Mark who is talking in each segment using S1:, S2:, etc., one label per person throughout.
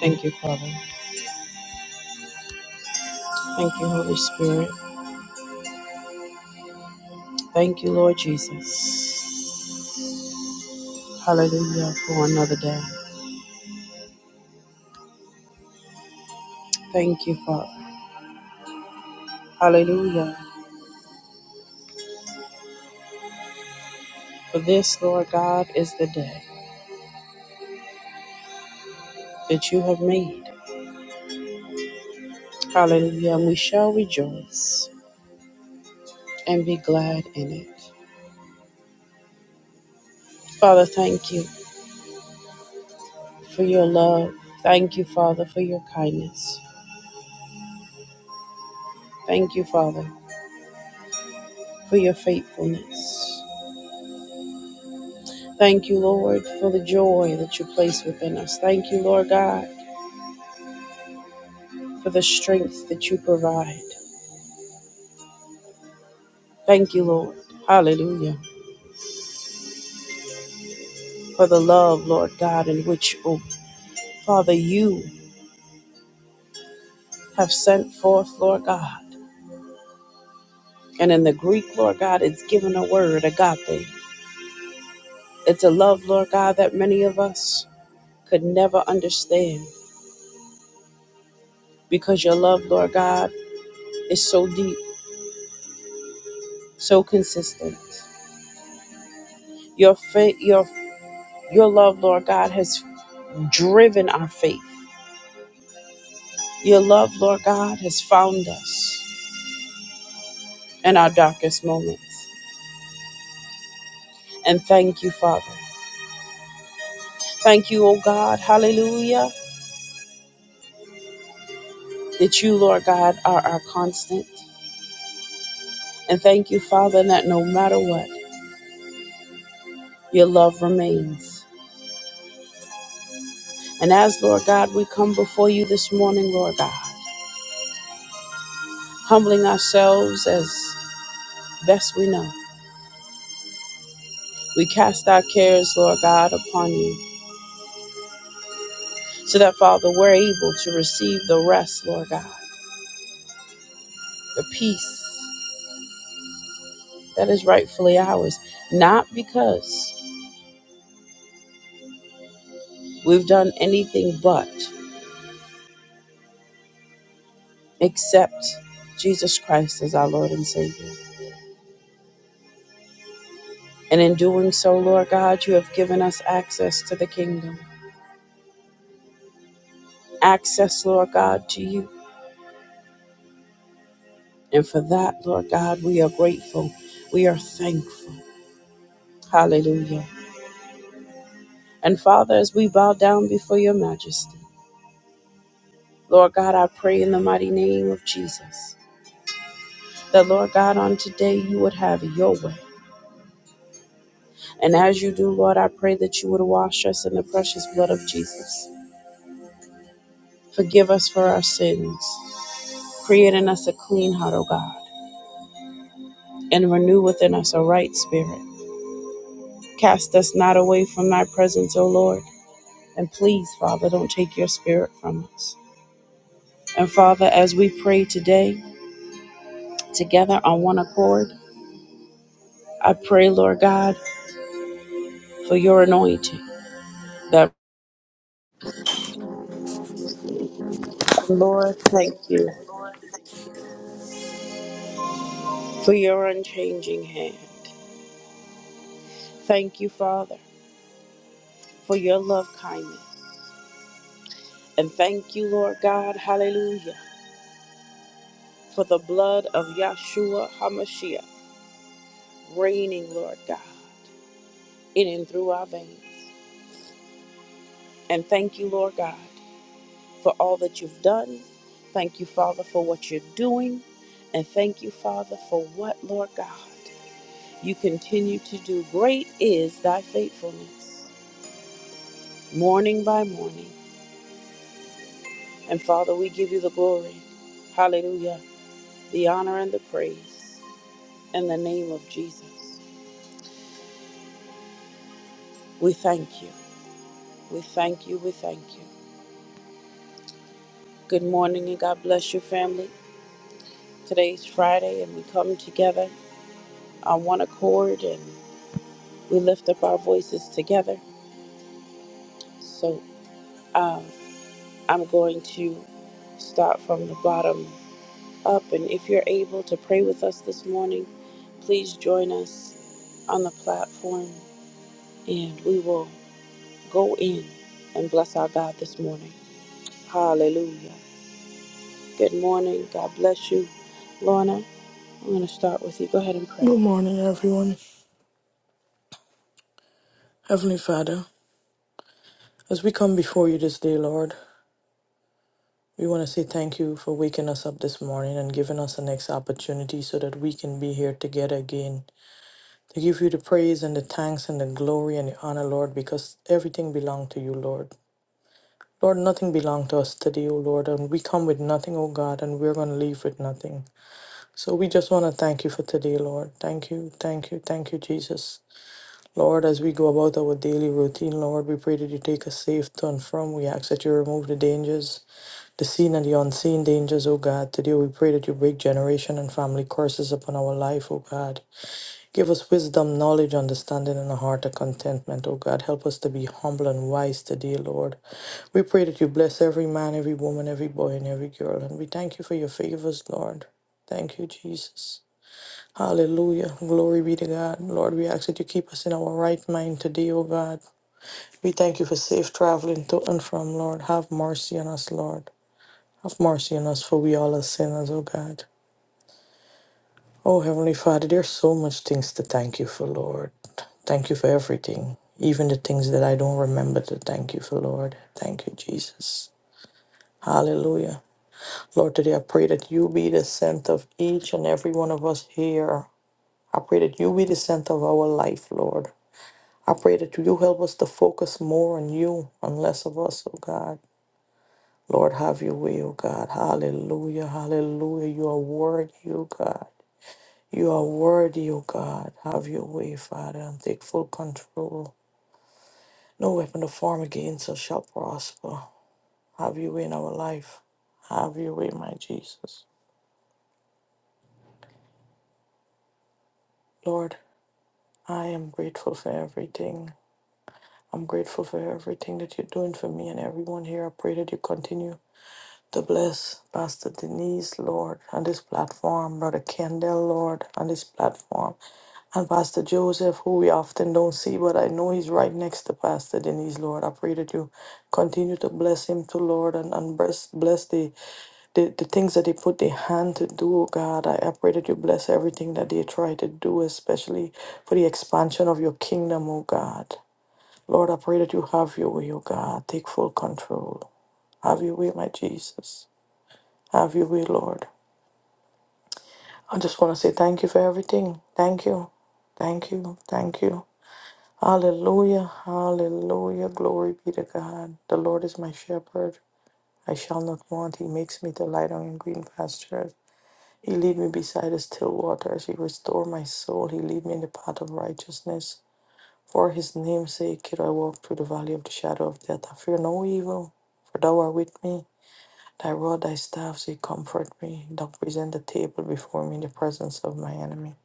S1: Thank you, Father. Thank you, Holy Spirit. Thank you, Lord Jesus. Hallelujah for another day. Thank you, Father. Hallelujah. For this, Lord God, is the day that you have made. Hallelujah. And we shall rejoice and be glad in it. Father, thank you for your love. Thank you, Father, for your kindness. Thank you, Father, for your faithfulness. Thank you, Lord, for the joy that you place within us. Thank you, Lord God for the strength that you provide. Thank you, Lord. Hallelujah. For the love, Lord God, in which, oh, Father, you have sent forth, Lord God. And in the Greek, Lord God, it's given a word, agape. It's a love, Lord God, that many of us could never understand because your love, Lord God, is so deep, so consistent. Your faith, your your love, Lord God, has driven our faith. Your love, Lord God, has found us. in our darkest moments. And thank you, Father. Thank you, O God, hallelujah, that you, Lord God, are our constant. And thank you, Father, that no matter what, your love remains. And as, Lord God, we come before you this morning, Lord God, humbling ourselves as best we know, we cast our cares, Lord God, upon you, so that, Father, we're able to receive the rest, Lord God, the peace that is rightfully ours, not because We've done anything but accept Jesus Christ as our Lord and Savior. And in doing so, Lord God, you have given us access to the kingdom, access, Lord God, to you. And for that, Lord God, we are grateful. We are thankful. Hallelujah. And Father, as we bow down before your majesty, Lord God, I pray in the mighty name of Jesus that, Lord God, on today you would have your way. And as you do, Lord, I pray that you would wash us in the precious blood of Jesus. Forgive us for our sins. Create in us a clean heart, O God, and renew within us a right spirit. Cast us not away from thy presence, O Lord. And please, Father, don't take your spirit from us. And Father, as we pray today together on one accord, I pray, Lord God, for your anointing. That Lord, thank you for your unchanging hand. Thank you, Father, for your love kindness. And thank you, Lord God, hallelujah for the blood of Yahshua HaMashiach reigning, Lord God, in and through our veins. And thank you, Lord God, for all that you've done. Thank you, Father, for what you're doing. And thank you, Father, for what, Lord God, you continue to do. Great is thy faithfulness, morning by morning. And Father, we give you the glory. Hallelujah. The honor and the praise in the name of Jesus. We thank you. We thank you. We thank you. Good morning and God bless your family. Today's Friday and we come together on one accord and we lift up our voices together. So um, I'm going to start from the bottom up. And if you're able to pray with us this morning, please join us on the platform and we will go in and bless our God this morning. Hallelujah. Good morning. God bless you. Lorna, I'm going to start with you. Go ahead and pray.
S2: Good morning, everyone. Heavenly Father, as we come before you this day, Lord, we want to say thank you for waking us up this morning and giving us the next opportunity so that we can be here together again. To give you the praise and the thanks and the glory and the honor, Lord, because everything belongs to you, Lord. Lord, nothing belongs to us today, O Lord, and we come with nothing, O God, and we're going to leave with nothing. So we just want to thank you for today, Lord. Thank you, thank you, thank you, Jesus. Lord, as we go about our daily routine, Lord, we pray that you take us safe to and from. We ask that you remove the dangers, the seen and the unseen dangers, O God. Today we pray that you break generation and family curses upon our life, O God. Give us wisdom, knowledge, understanding, and a heart of contentment, O God. Help us to be humble and wise today, Lord. We pray that you bless every man, every woman, every boy, and every girl. And we thank you for your favors, Lord. Thank you, Jesus. Hallelujah. Glory be to God. Lord, we ask that you keep us in our right mind today, O God. We thank you for safe traveling to and from, Lord. Have mercy on us, Lord. Have mercy on us, for we all are sinners, O God. Oh, Heavenly Father, there's so much things to thank you for, Lord. Thank you for everything, even the things that I don't remember to thank you for, Lord. Thank you, Jesus. Hallelujah. Lord, today I pray that you be the center of each and every one of us here. I pray that you be the center of our life, Lord. I pray that you help us to focus more on you and less of us, oh God. Lord, have your way, oh God. Hallelujah, hallelujah. You are worthy, oh God. You are worthy, oh God. Have your way, Father, and take full control. No weapon to form against us shall prosper. Have your way in our life. Have your way, my Jesus. Lord, I am grateful for everything. I'm grateful for everything that you're doing for me and everyone here. I pray that you continue to bless Pastor Denise, Lord, on this platform, Brother Kendall, Lord, on this platform, and Pastor Joseph, who we often don't see, but I know he's right next to Pastor Denise, Lord. I pray that you continue to bless him too, Lord, and, and bless, bless the, the, the things that they put their hand to do, oh God. I, I pray that you bless everything that they try to do, especially for the expansion of your kingdom, oh God. Lord, I pray that you have your way, oh God. Take full control. Have your way, my Jesus. Have your way, Lord. I just want to say thank you for everything. Thank you. Thank you. Thank you. Hallelujah. Hallelujah. Glory be to God. The Lord is my shepherd. I shall not want. He makes me to lie down in green pastures. He lead me beside the still waters. He restore my soul. He lead me in the path of righteousness. For his name's sake, kid, I walk through the valley of the shadow of death. I fear no evil, for thou art with me. Thy rod, thy staff, they comfort me. Thou present the table before me in the presence of my enemy.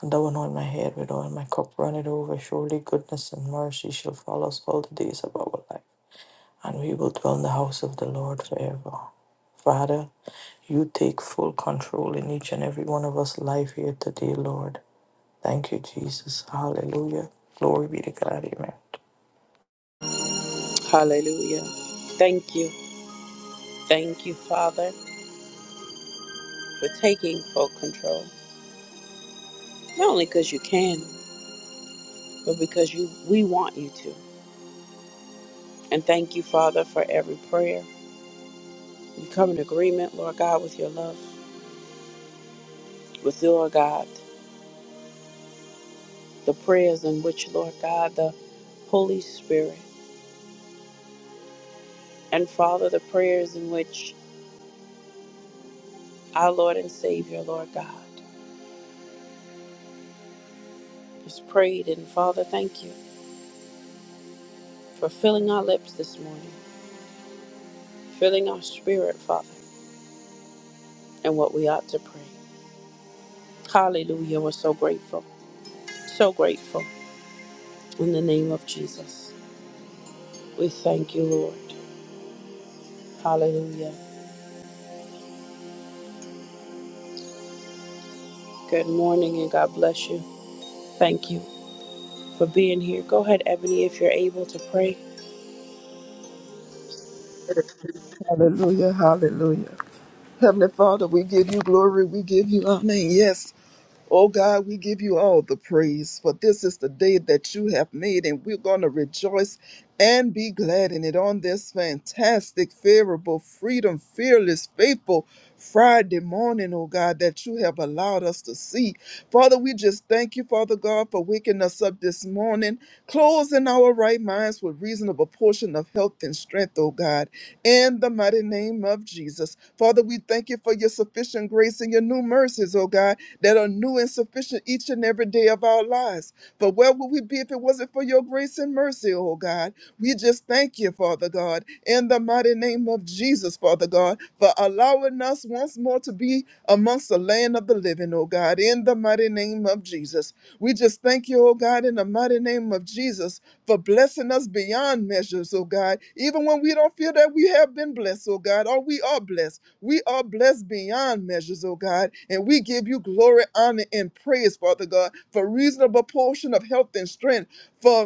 S2: And thou anoint my head with oil, my cup runneth over. Surely goodness and mercy shall follow us all the days of our life. And we will dwell in the house of the Lord forever. Father, you take full control in each and every one of us' life here today, Lord. Thank you, Jesus. Hallelujah. Glory be to God. Amen.
S1: Hallelujah. Thank you. Thank you, Father, for taking full control. Not only because you can, but because you we want you to. And thank you, Father, for every prayer. We come in agreement, Lord God, with your love, with your God, the prayers in which, Lord God, the Holy Spirit, and Father, the prayers in which our Lord and Savior, Lord God, is prayed. And Father, thank you for filling our lips this morning, filling our spirit, Father, and what we ought to pray. Hallelujah. We're so grateful. So grateful. In the name of Jesus. We thank you, Lord. Hallelujah. Good morning and God bless you. Thank you for being here. Go ahead, Ebony, if you're able to pray.
S3: Hallelujah, hallelujah. Heavenly Father, we give you glory, we give you honor, and yes. Oh God, we give you all the praise, for this is the day that you have made, and we're going to rejoice and be glad in it on this fantastic, favorable, freedom, fearless, faithful Friday morning, oh God, that you have allowed us to see. Father, we just thank you, Father God, for waking us up this morning, closing our right minds with reasonable portion of health and strength, oh God, in the mighty name of Jesus. Father, we thank you for your sufficient grace and your new mercies, oh God that are new and sufficient each and every day of our lives. For where would we be if it wasn't for your grace and mercy, oh God? We just thank you, Father God, in the mighty name of Jesus, Father God, for allowing us once more to be amongst the land of the living, oh God, in the mighty name of Jesus. We just thank you, oh God, in the mighty name of Jesus, for blessing us beyond measures, oh God, even when we don't feel that we have been blessed, oh God, or we are blessed. We are blessed beyond measures, oh God, and we give you glory, honor, and praise, Father God, for reasonable portion of health and strength, for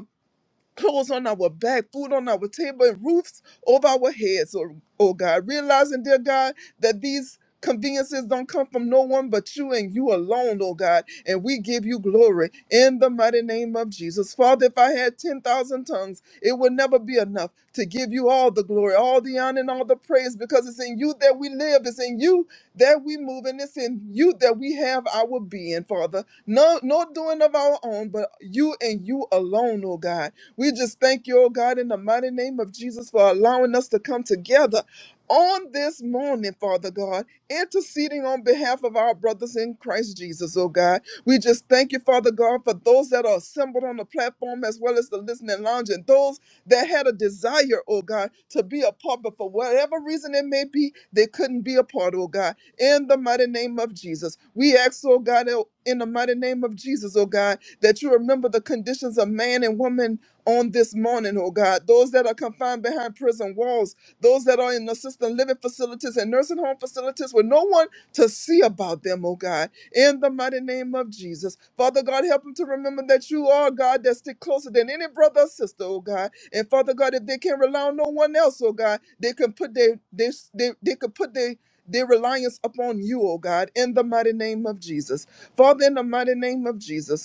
S3: clothes on our back, food on our table, and roofs over our heads, oh, oh God. Realizing, dear God, that these conveniences don't come from no one but you and you alone, oh God. And we give you glory in the mighty name of Jesus. Father, if I had 10,000 tongues, it would never be enough to give you all the glory, all the honor, and all the praise because it's in you that we live, it's in you that we move, and it's in you that we have our being, Father. No, no doing of our own, but you and you alone, oh God. We just thank you, oh God, in the mighty name of Jesus for allowing us to come together on this morning, Father God, interceding on behalf of our brothers in Christ Jesus, oh God. We just thank you, Father God, for those that are assembled on the platform as well as the listening lounge and those that had a desire, oh God, to be a part, but for whatever reason it may be, they couldn't be a part, oh God. In the mighty name of Jesus, we ask, oh God, oh, in the mighty name of Jesus, oh God, that you remember the conditions of man and woman on this morning, oh God. Those that are confined behind prison walls, those that are in assisted living facilities and nursing home facilities with no one to see about them, oh God. In the mighty name of Jesus. Father God, help them to remember that you are God that stick closer than any brother or sister, oh God. And Father God, if they can rely on no one else, oh God, they can put their they, they, they could put their their reliance upon you, oh God, in the mighty name of Jesus. Father, in the mighty name of Jesus.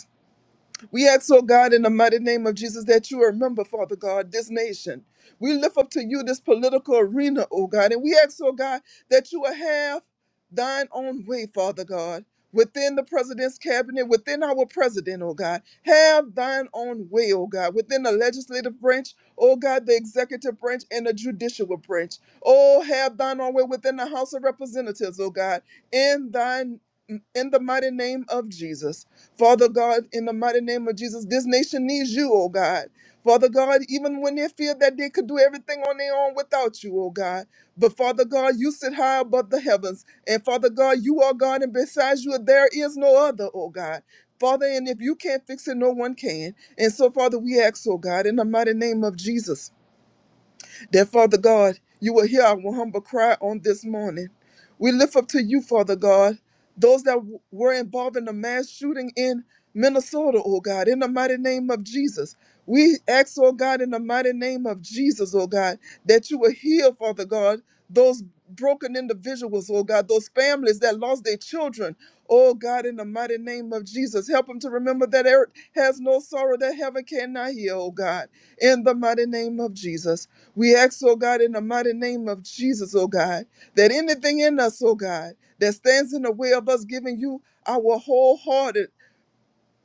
S3: We ask, oh God, in the mighty name of Jesus, that you remember, Father God, this nation. We lift up to you this political arena, oh God, and we ask, oh God, that you will have thine own way, Father God, within the president's cabinet, within our president, oh God. Have thine own way, oh God, within the legislative branch, oh God, the executive branch, and the judicial branch. Oh, have thine own way within the House of Representatives, oh God, in thine in the mighty name of Jesus. Father God, in the mighty name of Jesus, this nation needs you, oh God. Father God, even when they feared that they could do everything on their own without you, oh God. But Father God, you sit high above the heavens. And Father God, you are God, and besides you, there is no other, oh God. Father, and if you can't fix it, no one can. And so, Father, we ask, oh God, in the mighty name of Jesus. That, Father God, you will hear our humble cry on this morning. We lift up to you, Father God, those that w- were involved in the mass shooting in Minnesota, oh God, in the mighty name of Jesus. We ask, oh God, in the mighty name of Jesus, oh God, that you will heal, Father God, those broken individuals, oh God, those families that lost their children. Oh God, in the mighty name of Jesus, help them to remember that earth has no sorrow that heaven cannot heal, oh God, in the mighty name of Jesus. We ask, oh God, in the mighty name of Jesus, oh God, that anything in us, oh God, that stands in the way of us giving you our wholehearted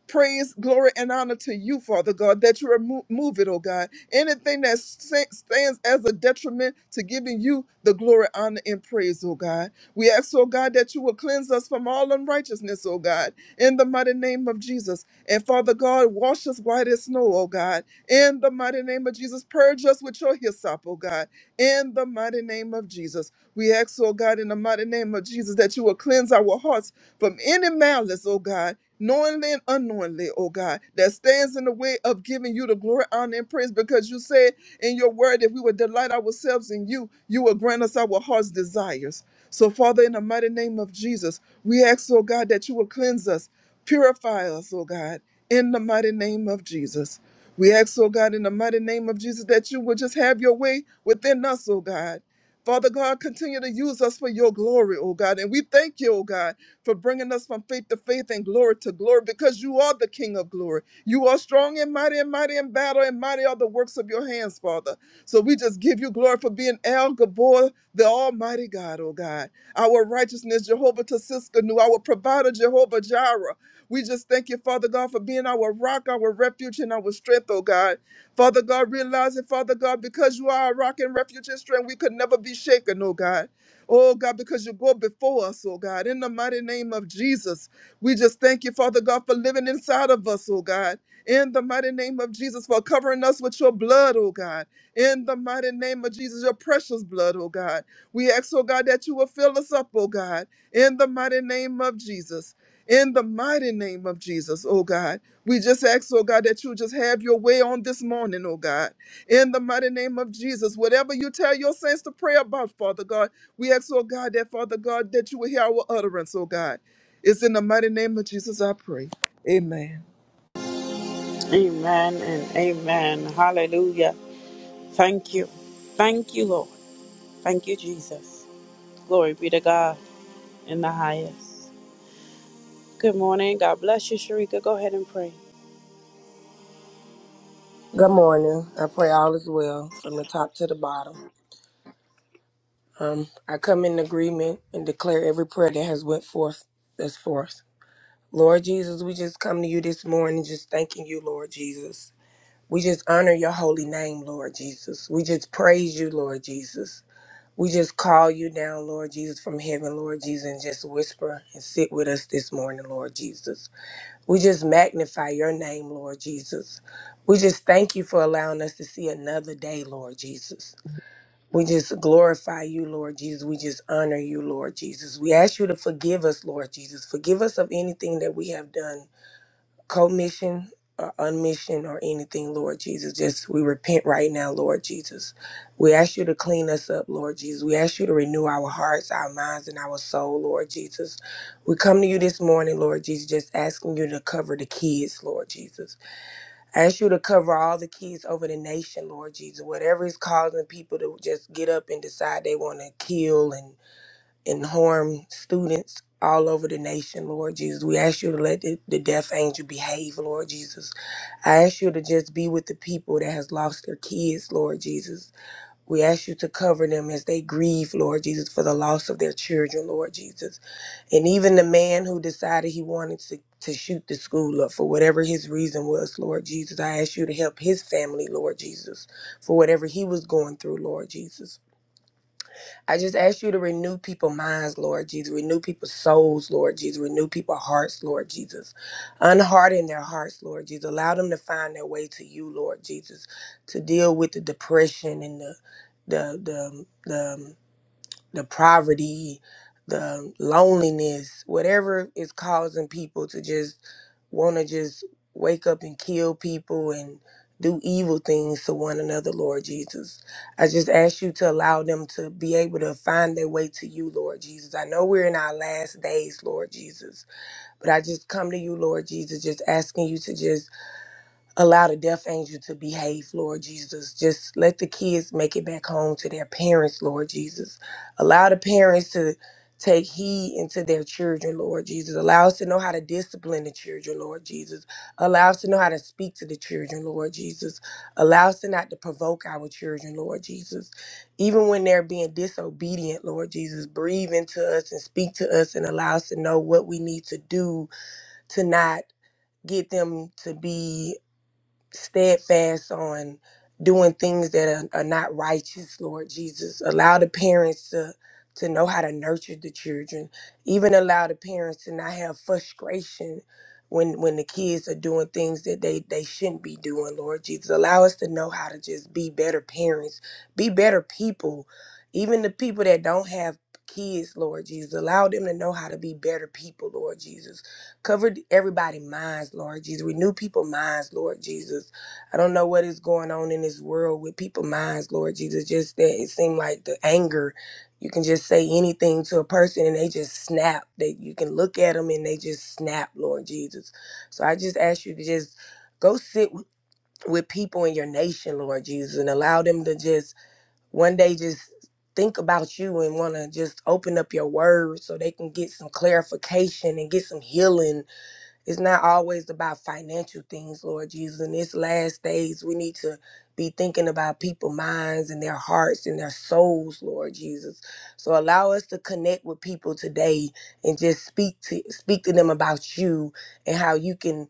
S3: praise, glory, and honor to you, Father God, that you remove move it, oh God. Anything that sa- stands as a detriment to giving you the glory, honor, and praise, oh God. We ask, oh God, that you will cleanse us from all unrighteousness, oh God, in the mighty name of Jesus. And Father God, wash us white as snow, oh God, in the mighty name of Jesus. Purge us with your hyssop, oh God, in the mighty name of Jesus. We ask, oh God, in the mighty name of Jesus, that you will cleanse our hearts from any malice, oh God knowingly and unknowingly, oh God, that stands in the way of giving you the glory, honor, and praise because you said in your word, if we would delight ourselves in you, you will grant us our heart's desires. So, Father, in the mighty name of Jesus, we ask, oh God, that you will cleanse us, purify us, oh God, in the mighty name of Jesus. We ask, oh God, in the mighty name of Jesus, that you will just have your way within us, oh God. Father God, continue to use us for your glory, oh God. And we thank you, oh God for bringing us from faith to faith and glory to glory because you are the King of glory. You are strong and mighty and mighty in battle and mighty are the works of your hands, Father. So we just give you glory for being El Gabor, the Almighty God, oh God. Our righteousness, Jehovah Tasiskanu, our provider, Jehovah Jireh. We just thank you, Father God, for being our rock, our refuge, and our strength, oh God. Father God, realizing, Father God, because you are our rock and refuge and strength, we could never be shaken, oh God. Oh God, because you go before us, oh God. In the mighty name of Jesus, we just thank you, Father God, for living inside of us, oh God. In the mighty name of Jesus, for covering us with your blood, oh God. In the mighty name of Jesus, your precious blood, oh God. We ask, oh God, that you will fill us up, oh God. In the mighty name of Jesus. In the mighty name of Jesus, oh God. We just ask, oh God, that you just have your way on this morning, oh God. In the mighty name of Jesus, whatever you tell your saints to pray about, Father God. We ask, oh God, that Father God, that you will hear our utterance, oh God. It's in the mighty name of Jesus I pray. Amen.
S1: Amen and amen. Hallelujah. Thank you. Thank you, Lord. Thank you, Jesus. Glory be to God in the highest. Good morning. God bless you, Sharika. Go ahead and pray.
S4: Good morning. I pray all is well from the top to the bottom. Um, I come in agreement and declare every prayer that has went forth that's forth. Lord Jesus, we just come to you this morning just thanking you, Lord Jesus. We just honor your holy name, Lord Jesus. We just praise you, Lord Jesus. We just call you down, Lord Jesus, from heaven, Lord Jesus, and just whisper and sit with us this morning, Lord Jesus. We just magnify your name, Lord Jesus. We just thank you for allowing us to see another day, Lord Jesus. We just glorify you, Lord Jesus. We just honor you, Lord Jesus. We ask you to forgive us, Lord Jesus. Forgive us of anything that we have done commission or unmission or anything, Lord Jesus. Just we repent right now, Lord Jesus. We ask you to clean us up, Lord Jesus. We ask you to renew our hearts, our minds, and our soul, Lord Jesus. We come to you this morning, Lord Jesus, just asking you to cover the kids, Lord Jesus. I ask you to cover all the kids over the nation, Lord Jesus. Whatever is causing people to just get up and decide they want to kill and and harm students all over the nation, Lord Jesus. We ask you to let the, the death angel behave, Lord Jesus. I ask you to just be with the people that has lost their kids, Lord Jesus. We ask you to cover them as they grieve, Lord Jesus, for the loss of their children, Lord Jesus. And even the man who decided he wanted to to shoot the school up for whatever his reason was, Lord Jesus. I ask you to help his family, Lord Jesus, for whatever he was going through, Lord Jesus. I just ask you to renew people's minds, Lord Jesus. Renew people's souls, Lord Jesus. Renew people's hearts, Lord Jesus. Unharden their hearts, Lord Jesus. Allow them to find their way to you, Lord Jesus, to deal with the depression and the the the the the poverty, the loneliness, whatever is causing people to just want to just wake up and kill people and do evil things to one another, Lord Jesus. I just ask you to allow them to be able to find their way to you, Lord Jesus. I know we're in our last days, Lord Jesus, but I just come to you, Lord Jesus, just asking you to just Allow the death angel to behave, Lord Jesus. Just let the kids make it back home to their parents, Lord Jesus. Allow the parents to take heed into their children, Lord Jesus. Allow us to know how to discipline the children, Lord Jesus. Allow us to know how to speak to the children, Lord Jesus. Allow us to not to provoke our children, Lord Jesus. Even when they're being disobedient, Lord Jesus, breathe into us and speak to us and allow us to know what we need to do to not get them to be steadfast on doing things that are, are not righteous, Lord Jesus. Allow the parents to to know how to nurture the children. Even allow the parents to not have frustration when when the kids are doing things that they they shouldn't be doing, Lord Jesus. Allow us to know how to just be better parents, be better people. Even the people that don't have kids, Lord Jesus, allow them to know how to be better people, Lord Jesus Cover everybody's minds, Lord Jesus. Renew people's minds, Lord Jesus. I don't know what is going on in this world with people's minds, Lord Jesus. Just that it seemed like the anger. You can just say anything to a person and they just snap. That you can look at them and they just snap, Lord Jesus. So I just ask you to just go sit with with people in your nation, Lord Jesus, and allow them to just one day just think about you and want to just open up your word so they can get some clarification and get some healing it's not always about financial things, Lord Jesus. In this last days, we need to be thinking about people's minds and their hearts and their souls, Lord Jesus. So allow us to connect with people today and just speak to speak to them about you and how you can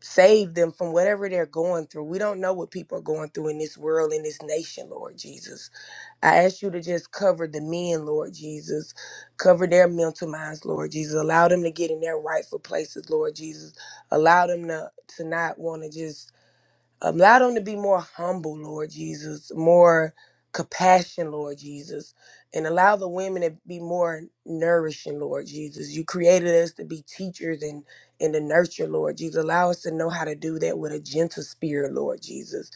S4: save them from whatever they're going through. We don't know what people are going through in this world, in this nation, Lord Jesus. I ask you to just cover the men, Lord Jesus. Cover their mental minds, Lord Jesus. Allow them to get in their rightful places, Lord Jesus. Allow them to, to not want to just, allow them to be more humble, Lord Jesus, more compassion, Lord Jesus. And allow the women to be more nourishing, Lord Jesus. You created us to be teachers and, and to nurture, Lord Jesus. Allow us to know how to do that with a gentle spirit, Lord Jesus.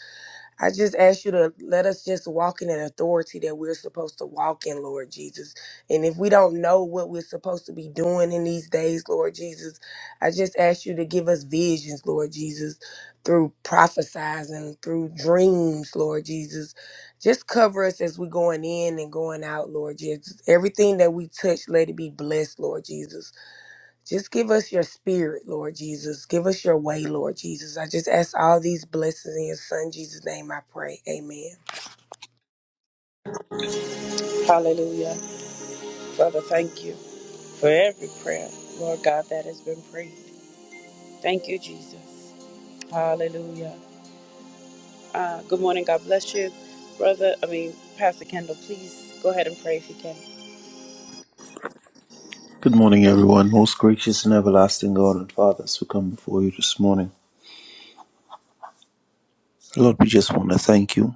S4: I just ask you to let us just walk in that authority that we're supposed to walk in, Lord Jesus. And if we don't know what we're supposed to be doing in these days, Lord Jesus, I just ask you to give us visions, Lord Jesus, through prophesizing, through dreams, Lord Jesus. Just cover us as we're going in and going out, Lord Jesus. Everything that we touch, let it be blessed, Lord Jesus. Just give us your spirit, Lord Jesus. Give us your way, Lord Jesus. I just ask all these blessings in your son Jesus' name I pray. Amen.
S1: Hallelujah. Father, thank you for every prayer, Lord God, that has been prayed. Thank you, Jesus. Hallelujah. Uh, good morning. God bless you, brother. I mean, Pastor Kendall, please go ahead and pray if you can.
S5: Good morning, everyone. Most gracious and everlasting God and Father, as we come before you this morning, Lord, we just want to thank you.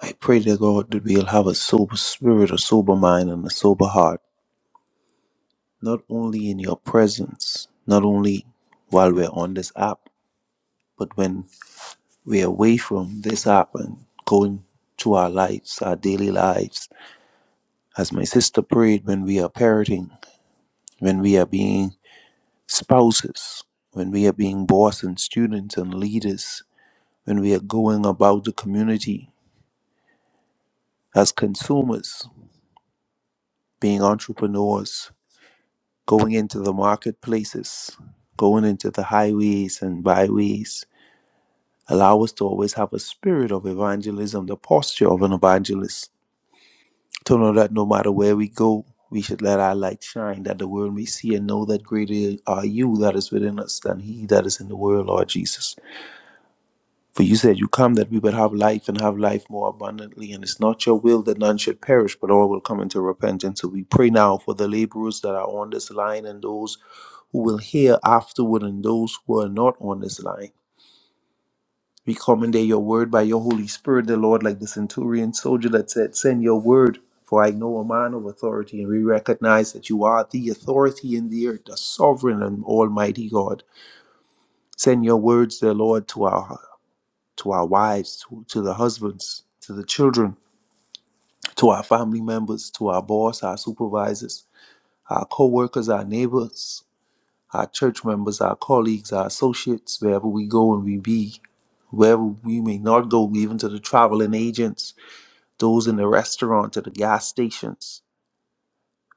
S5: I pray, dear God, that we'll have a sober spirit, a sober mind, and a sober heart, not only in your presence, not only while we're on this app, but when we're away from this app and going to our lives, our daily lives. As my sister prayed, when we are parenting, when we are being spouses, when we are being boss and students and leaders, when we are going about the community as consumers, being entrepreneurs, going into the marketplaces, going into the highways and byways. Allow us to always have a spirit of evangelism, the posture of an evangelist, to know that no matter where we go, we should let our light shine, that the world may see and know that greater are you that is within us than he that is in the world, Lord Jesus. For you said, You come that we would have life and have life more abundantly. And it's not your will that none should perish, but all will come into repentance. So we pray now for the laborers that are on this line and those who will hear afterward and those who are not on this line. We commandeer your word by your Holy Spirit, the Lord, like the centurion soldier that said, Send your word, for I know a man of authority. And we recognize that you are the authority in the earth, the sovereign and almighty God. Send your words, dear Lord, to our to our wives, to, to the husbands, to the children, to our family members, to our boss, our supervisors, our co workers, our neighbors, our church members, our colleagues, our associates, wherever we go and we be, wherever we may not go, even to the traveling agents, those in the restaurant, to the gas stations.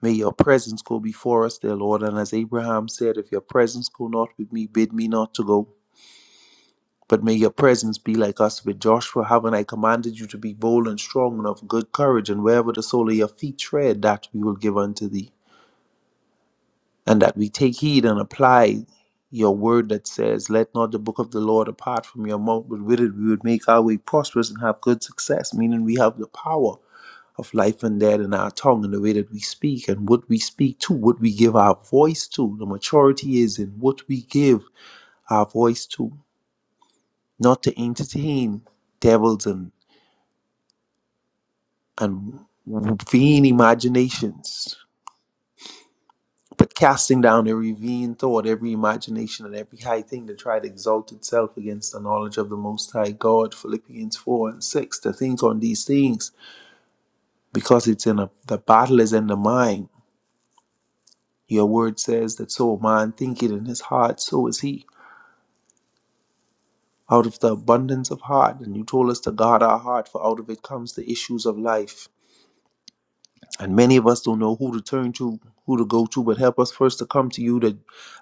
S5: May your presence go before us, dear Lord. And as Abraham said, if your presence go not with me, bid me not to go. But may your presence be like us with Joshua. Haven't I commanded you to be bold and strong and of good courage? And wherever the sole of your feet tread, that we will give unto thee. And that we take heed and apply your word that says, Let not the book of the law depart from your mouth, but with it we would make our way prosperous and have good success, meaning we have the power of life and death in our tongue and the way that we speak and what we speak to, what we give our voice to. The maturity is in what we give our voice to, not to entertain devils and and vain imaginations, but casting down every vain thought, every imagination, and every high thing that tried to exalt itself against the knowledge of the Most High God. Philippians 4 and 6. To think on these things, because it's in a, the battle is in the mind. Your word says that so a man thinketh in his heart, so is he. Out of the abundance of heart, and you told us to guard our heart, for out of it comes the issues of life. And many of us don't know who to turn to, who to go to, but help us first to come to you that,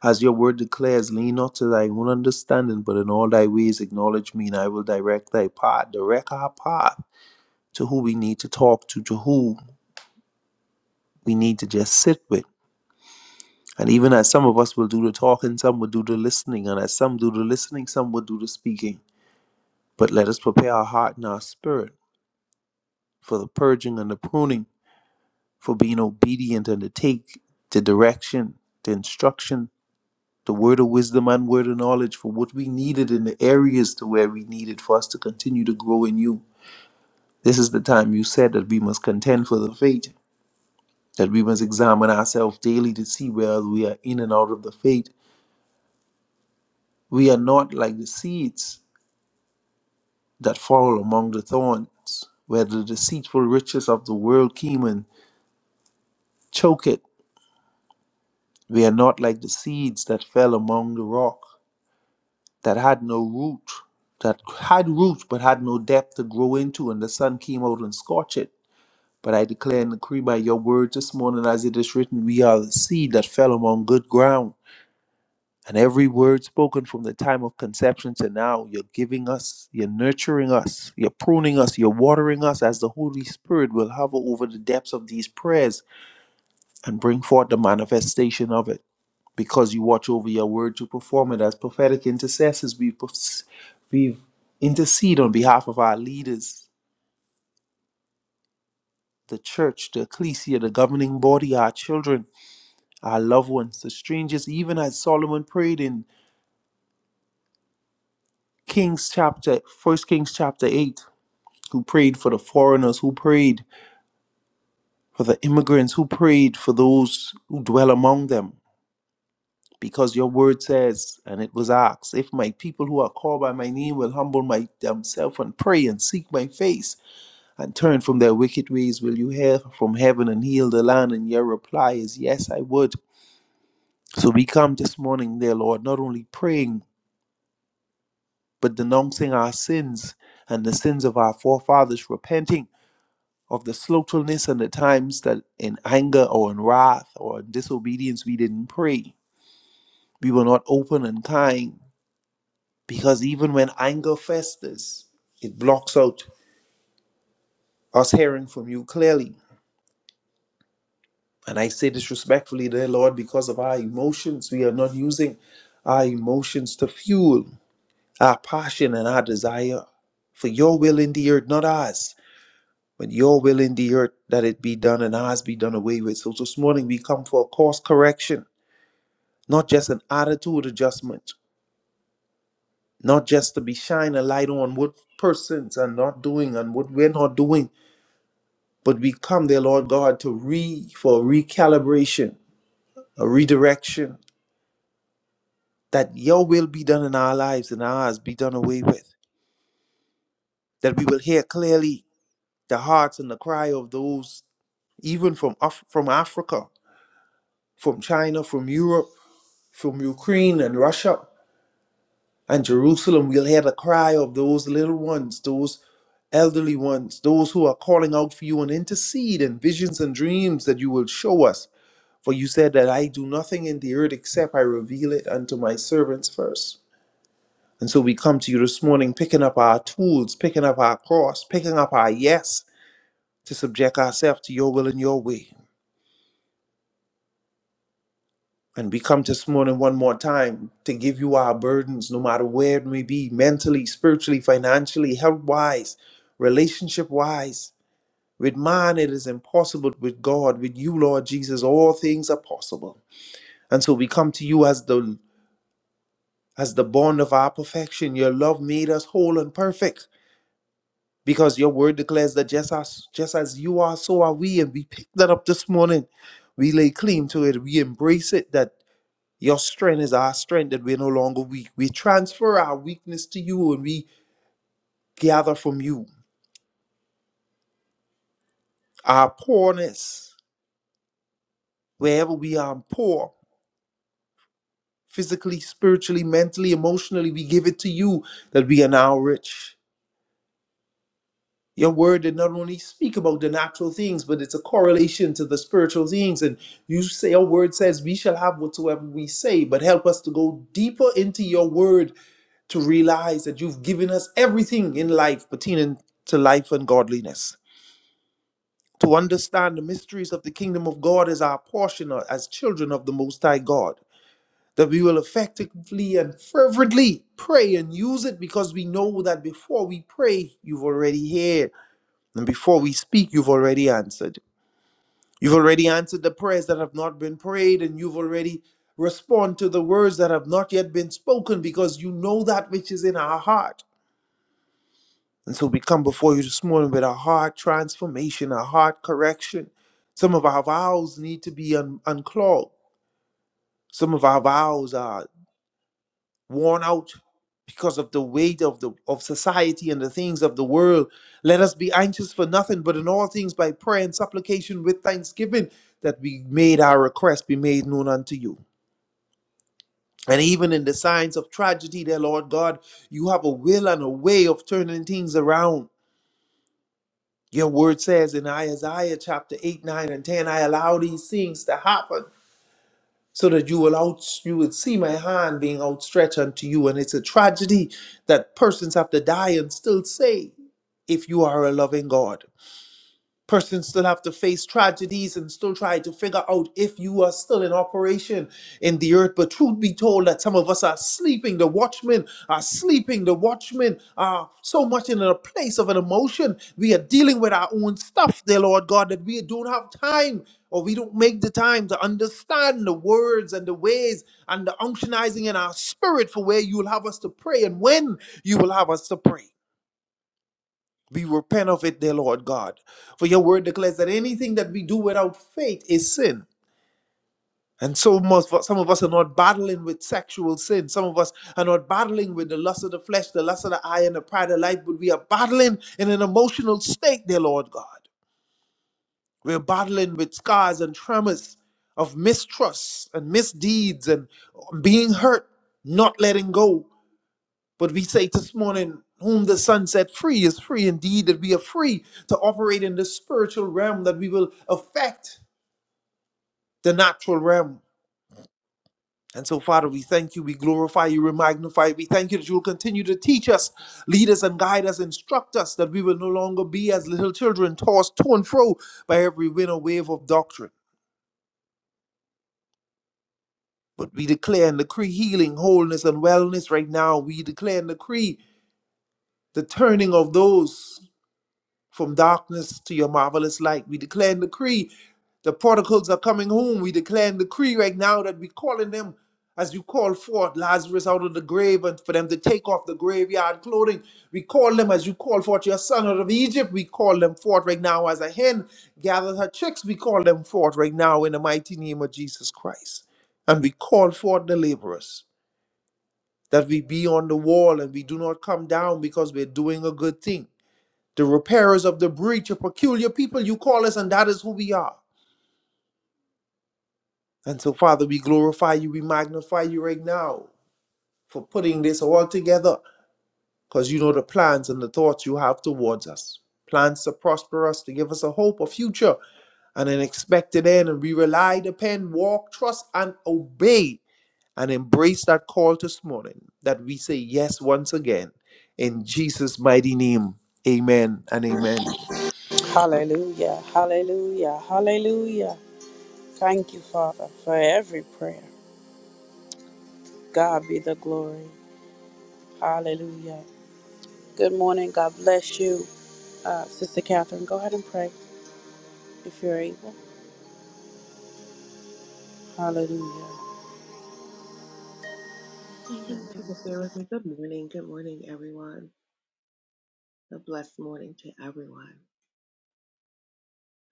S5: as your word declares, lean not to thy own understanding, but in all thy ways acknowledge me, and I will direct thy path, direct our path to who we need to talk to, to who we need to just sit with. And even as some of us will do the talking, some will do the listening, and as some do the listening, some will do the speaking. But let us prepare our heart and our spirit for the purging and the pruning, for being obedient and to take the direction, the instruction the word of wisdom and word of knowledge for what we needed in the areas to where we needed for us to continue to grow in you. This is the time you said that we must contend for the faith, that we must examine ourselves daily to see whether we are in and out of the faith. We are not like the seeds that fall among the thorns, where the deceitful riches of the world came and choke it. We are not like the seeds that fell among the rock. that had no root, that had roots but had no depth to grow into, and the sun came out and scorched it. But I declare and decree by your word this morning, as it is written, we are the seed that fell among good ground. And every word spoken from the time of conception to now, you're giving us, you're nurturing us, you're pruning us, you're watering us as the Holy Spirit will hover over the depths of these prayers and bring forth the manifestation of it because you watch over your word to perform it. As prophetic intercessors, we, pers- we intercede on behalf of our leaders, the church, the ecclesia, the governing body, our children, our loved ones, the strangers, even as Solomon prayed in Kings chapter, first, Kings chapter 8, who prayed for the foreigners, who prayed for the immigrants, who prayed for those who dwell among them. because your word says, and it was asked, if my people who are called by my name will humble my, themselves and pray and seek my face and turn from their wicked ways, will you hear from heaven and heal the land? And your reply is, yes, I would. So we come this morning, dear Lord, not only praying, but denouncing our sins and the sins of our forefathers, repenting of the slothfulness and the times that in anger or in wrath or in disobedience we didn't pray. We were not open and kind Because even when anger festers, it blocks out us hearing from you clearly. And I say this respectfully, dear Lord, because of our emotions, we are not using our emotions to fuel our passion and our desire for your will in the earth, not ours, but your will in the earth that it be done and ours be done away with. So this morning we come for a course correction, not just an attitude adjustment, not just to be shining a light on what persons are not doing and what we're not doing But we come there, Lord God, to re for recalibration, a redirection, that your will be done in our lives and ours be done away with. That we will hear clearly the hearts and the cry of those even from Af- from Africa, from China, from Europe, from Ukraine and Russia and Jerusalem. We'll hear the cry of those little ones, those elderly ones, those who are calling out for you and intercede in visions and dreams that you will show us For you said that I do nothing in the earth except I reveal it unto my servants first. And so we come to you this morning picking up our tools, picking up our cross, picking up our yes to subject ourselves to your will and your way. And we come this morning one more time to give you our burdens, no matter where it may be mentally, spiritually, financially, health wise, relationship wise. With man, it is impossible. With God, with you, Lord Jesus, all things are possible. And so we come to you as the As the bond of our perfection, your love made us whole and perfect because your word declares that just as, just as you are, so are we. And we picked that up this morning. We lay claim to it. We embrace it that your strength is our strength, that we're no longer weak. We transfer our weakness to you and we gather from you our poorness. Wherever we are poor, physically, spiritually, mentally, emotionally, we give it to you that we are now rich. Your word did not only speak about the natural things, but it's a correlation to the spiritual things. And you say your word says we shall have whatsoever we say, but help us to go deeper into your word to realize that you've given us everything in life pertaining to life and godliness. To understand the mysteries of the kingdom of God as our portion or as children of the Most High God, that we will effectively and fervently pray and use it because we know that before we pray, you've already heard and before we speak, you've already answered. You've already answered the prayers that have not been prayed, and you've already responded to the words that have not yet been spoken because you know that which is in our heart. And so we come before you this morning with a heart transformation, a heart correction. Some of our vows need to be un- unclogged. Some of our vows are worn out because of the weight of the of society and the things of the world. Let us be anxious for nothing, but in all things by prayer and supplication with thanksgiving, that we made our request be made known unto you. And even in the signs of tragedy, dear Lord God, you have a will and a way of turning things around. Your word says in Isaiah chapter 8, 9, and 10, I allow these things to happen so that you will out you would see my hand being outstretched unto you and it's a tragedy that persons have to die and still say if you are a loving god Persons still have to face tragedies and still try to figure out if you are still in operation in the earth. But truth be told, that some of us are sleeping. The watchmen are sleeping. The watchmen are so much in a place of an emotion. We are dealing with our own stuff, dear Lord God, that we don't have time or we don't make the time to understand the words and the ways and the unctionizing in our spirit for where you will have us to pray and when you will have us to pray. We repent of it, dear Lord God. For your word declares that anything that we do without faith is sin. And so most some of us are not battling with sexual sin. Some of us are not battling with the lust of the flesh, the lust of the eye, and the pride of life, but we are battling in an emotional state, dear Lord God. We're battling with scars and tremors of mistrust and misdeeds and being hurt, not letting go. But we say this morning, whom the Son set free is free indeed, that we are free to operate in the spiritual realm, that we will affect the natural realm. And so, Father, we thank you, we glorify you, we magnify you. We thank you that you will continue to teach us, lead us, and guide us, instruct us, that we will no longer be as little children, tossed to and fro by every wind or wave of doctrine. But we declare and decree healing, wholeness, and wellness right now. We declare and decree the turning of those From darkness to your marvelous light, we declare and decree the prodigals are coming home. We declare and decree right now that we're calling them as you call forth Lazarus out of the grave and for them to take off the graveyard clothing. We call them as you call forth your son out of Egypt. We call them forth right now as a hen gathers her chicks. We call them forth right now in the mighty name of Jesus Christ. And we call forth the laborers that we be on the wall and we do not come down because we're doing a good thing the repairers of the breach, a peculiar people you call us, and that is who we are. And so, Father, we glorify you, we magnify you right now for putting this all together because you know the plans and the thoughts you have towards us. Plans to prosper us, to give us a hope, a future, and an expected end. And we rely, depend, walk, trust, and obey and embrace that call this morning that we say yes once again. In Jesus' mighty name, amen and amen.
S1: Hallelujah. Hallelujah. Hallelujah. Thank you, Father, for every prayer. God be the glory. Hallelujah. Good morning. God bless you, uh, Sister Catherine. Go ahead and pray if you're able. Hallelujah.
S6: Amen. If you would bear with me, good morning. Good morning, everyone. A blessed morning to everyone.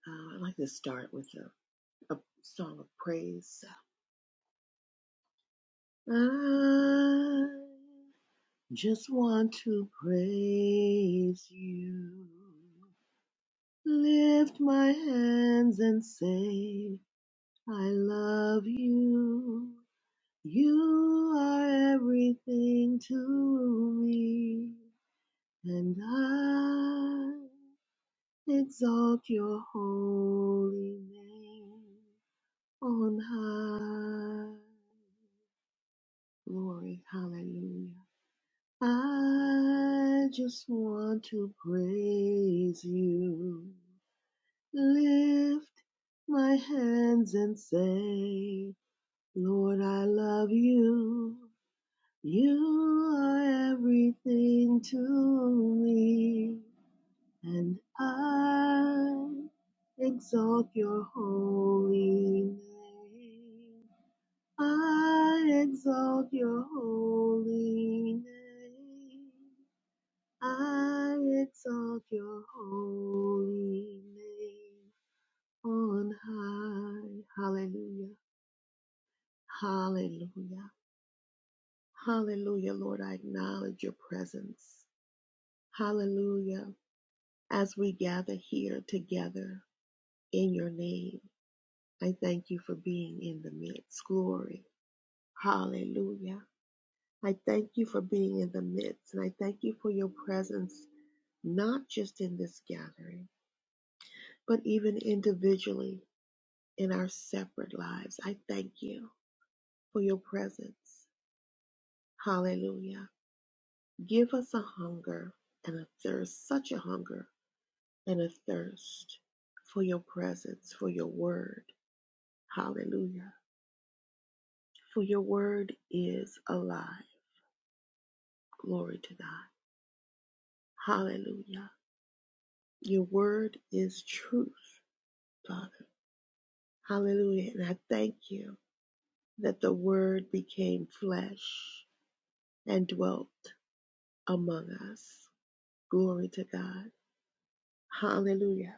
S6: Uh, I'd like to start with a, a song of praise. I just want to praise you. Lift my hands and say, I love you. You are everything to me, and I exalt your holy name on high. Glory, hallelujah. I just want to praise you, lift my hands and say, Lord, I love you. You are everything to me. and I exalt your holy name. I exalt your holy name. I exalt your holy name on high. Hallelujah. Hallelujah. Hallelujah, Lord. I acknowledge your presence. Hallelujah. As we gather here together in your name. I thank you for being in the midst. Glory. Hallelujah. I thank you for being in the midst. And I thank you for your presence, not just in this gathering, but even individually in our separate lives. I thank you for your presence. Hallelujah. Give us a hunger and a thirst, such a hunger and a thirst for your presence, for your word. Hallelujah. For your word is alive. Glory to God. Hallelujah. Your word is truth, Father. Hallelujah. And I thank you that the word became flesh and dwelt among us. Glory to God. Hallelujah.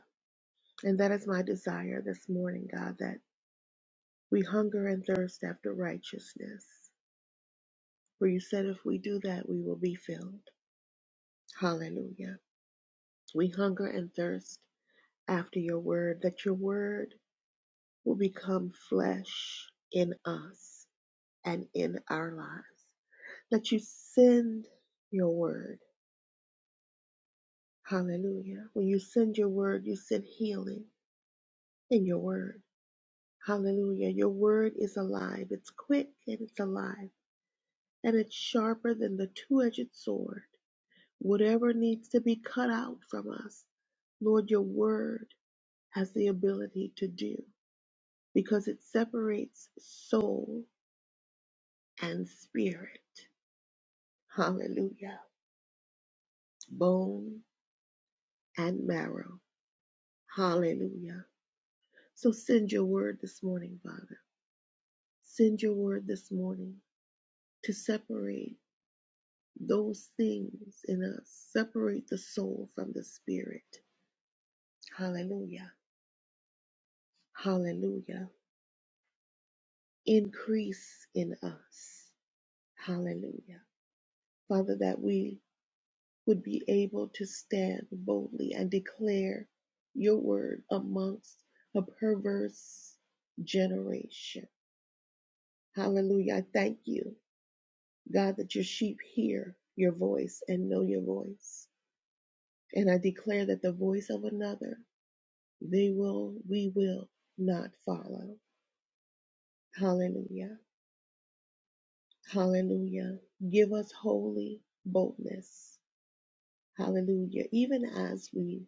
S6: And that is my desire this morning, God, that we hunger and thirst after righteousness. For you said if we do that, we will be filled. Hallelujah. We hunger and thirst after your word, that your word will become flesh in us and in our lives. That you send your word. Hallelujah. When you send your word, you send healing in your word. Hallelujah. Your word is alive. It's quick and it's alive. And it's sharper than the two edged sword. Whatever needs to be cut out from us, Lord, your word has the ability to do because it separates soul and spirit. Hallelujah. Bone and marrow. Hallelujah. So send your word this morning, Father. Send your word this morning to separate those things in us, separate the soul from the spirit. Hallelujah. Hallelujah. Increase in us. Hallelujah. Father, that we would be able to stand boldly and declare your word amongst a perverse generation. Hallelujah. I thank you God, that your sheep hear your voice and know your voice. And I declare that the voice of another, they will, we will not follow. Hallelujah. Hallelujah. Give us holy boldness. Hallelujah. Even as we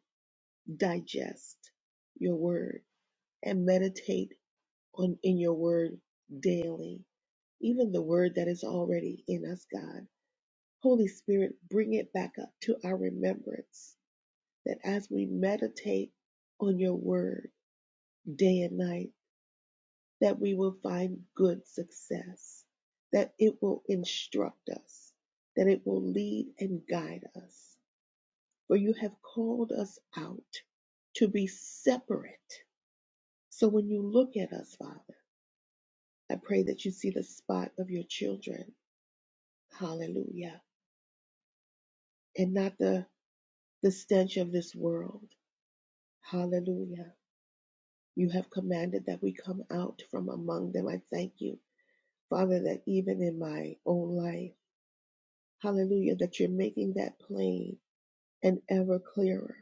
S6: digest your word and meditate on in your word daily, even the word that is already in us, God. Holy Spirit, bring it back up to our remembrance that as we meditate on your word day and night, that we will find good success, that it will instruct us, that it will lead and guide us. For you have called us out to be separate. So when you look at us, Father, I pray that you see the spot of your children. Hallelujah. And not the, the stench of this world. Hallelujah. You have commanded that we come out from among them. I thank you Father, that even in my own life, hallelujah, that you're making that plain and ever clearer.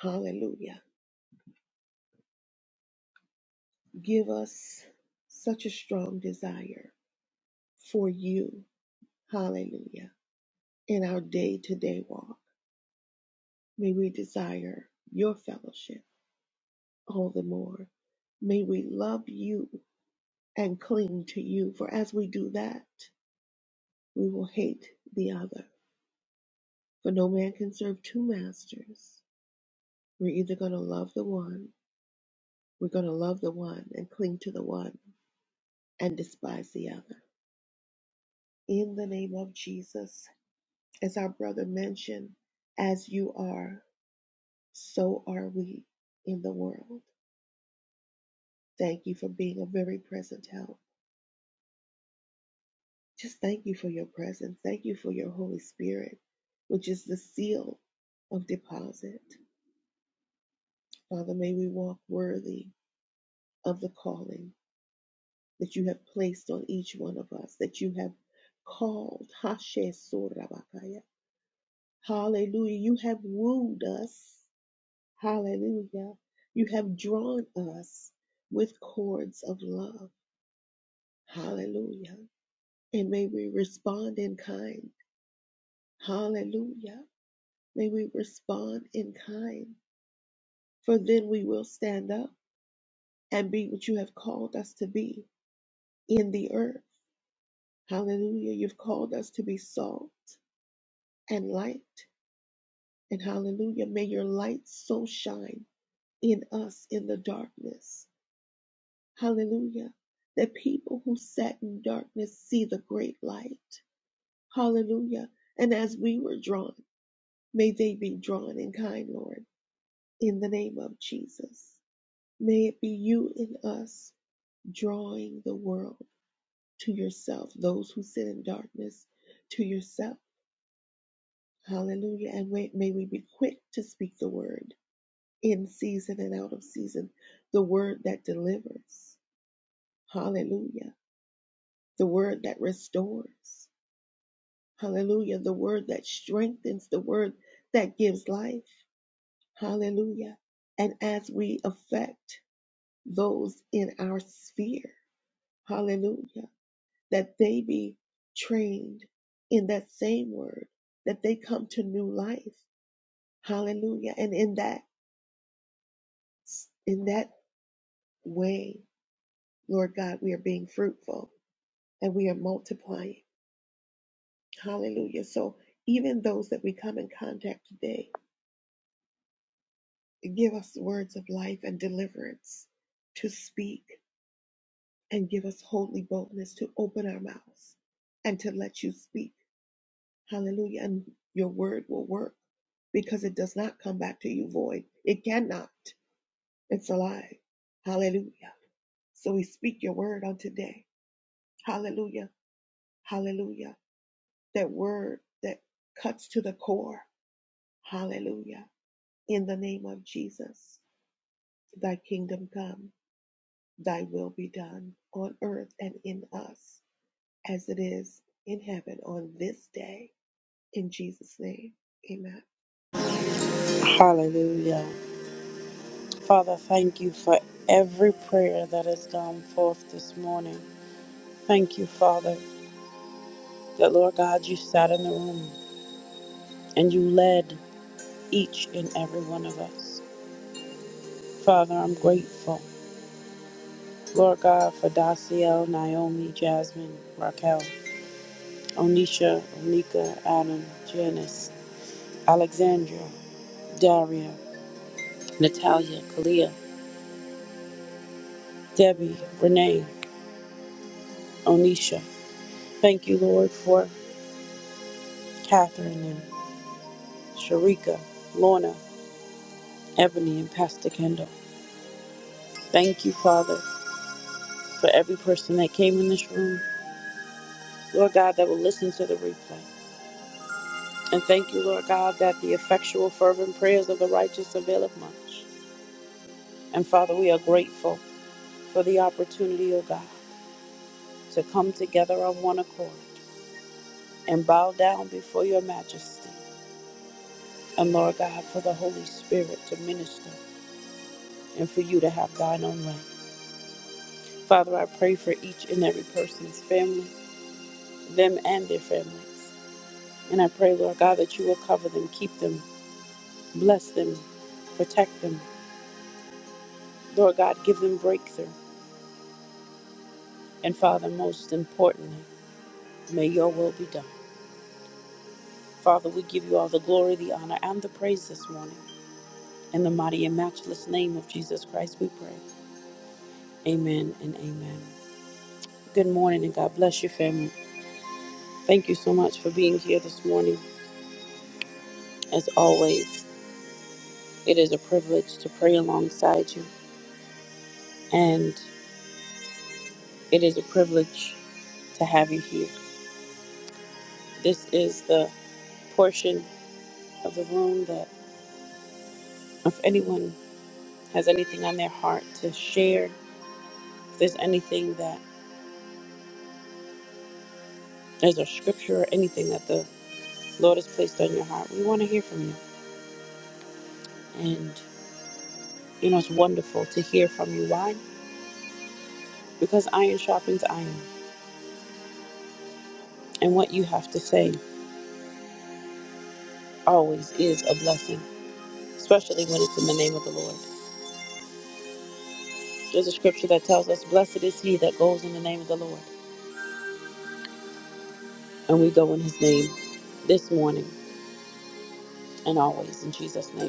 S6: Hallelujah. Give us such a strong desire for you. Hallelujah. In our day to day walk, may we desire your fellowship all the more. May we love you and cling to you, for as we do that, we will hate the other. For no man can serve two masters. We're either going to love the one We're going to love the one and cling to the one and despise the other. In the name of Jesus, as our brother mentioned, as you are, so are we in the world. Thank you for being a very present help. Just thank you for your presence. Thank you for your Holy Spirit, which is the seal of deposit. Father, may we walk worthy of the calling that you have placed on each one of us, that you have called. Hashe Surabakaya Hallelujah. You have wooed us. Hallelujah. You have drawn us with cords of love. Hallelujah. And may we respond in kind. Hallelujah. May we respond in kind. For then we will stand up and be what you have called us to be in the earth. Hallelujah. You've called us to be salt and light. And hallelujah. May your light so shine in us in the darkness. Hallelujah. That people who sat in darkness see the great light. Hallelujah. And as we were drawn, may they be drawn in kind, Lord, in the name of Jesus. May it be you in us drawing the world to yourself, those who sit in darkness to yourself. Hallelujah. And may, may we be quick to speak the word in season and out of season, the word that delivers. Hallelujah. The word that restores Hallelujah. The word that strengthens, the word that gives life. Hallelujah. And as we affect those in our sphere, hallelujah, that they be trained in that same word, that they come to new life. Hallelujah. And in that in that way, Lord God, we are being fruitful and we are multiplying. Hallelujah. So even those that we come in contact today Give us words of life and deliverance to speak, and give us holy boldness to open our mouths and to let you speak. Hallelujah. And your word will work because it does not come back to you void. It cannot. It's alive. Hallelujah. So we speak your word on today. Hallelujah. Hallelujah. That word that cuts to the core. Hallelujah. In the name of Jesus, thy kingdom come Thy will be done on earth and in us as it is in heaven on this day. In Jesus' name, amen.
S1: Hallelujah. Father, thank you for every prayer that has gone forth this morning. Thank you, Father. that, Lord God, you sat in the room and you led each and every one of us. Father, I'm grateful, Lord God, for Daciel, Naomi, Jasmine, Raquel, Onisha, Onika, Adam, Janice, Alexandra, Daria, Natalia, Kalia, Debbie, Renee, Onisha. Thank you, Lord, for Catherine and Sharika, Lorna, Ebony, and Pastor Kendall. Thank you, Father, for every person that came in this room Lord God, that will listen to the replay. And thank you, Lord God, that the effectual, fervent prayers of the righteous availeth much. And Father, we are grateful for the opportunity, O God, to come together on one accord and bow down before your majesty. And Lord God, for the Holy Spirit to minister and for you to have thine own way. Father, I pray for each and every person's family, them and their families. And I pray, Lord God, that you will cover them, keep them, bless them, protect them, Lord God, give them breakthrough. And Father, most importantly, may your will be done. Father, we give you all the glory, the honor, and the praise this morning. In the mighty and matchless name of Jesus Christ, we pray. Amen and amen. Good morning, and God bless your family. Thank you so much for being here this morning. As always, it is a privilege to pray alongside you, and it is a privilege to have you here. This is the portion of the room that, if anyone has anything on their heart to share, if there's anything that there's a scripture or anything that the Lord has placed on your heart, we want to hear from you. And you know, it's wonderful to hear from you. Why? Because iron sharpens iron. And what you have to say always is a blessing, especially when it's in the name of the Lord. There's a scripture that tells us, Blessed is he that goes in the name of the Lord. And we go in his name this morning and always in Jesus' name.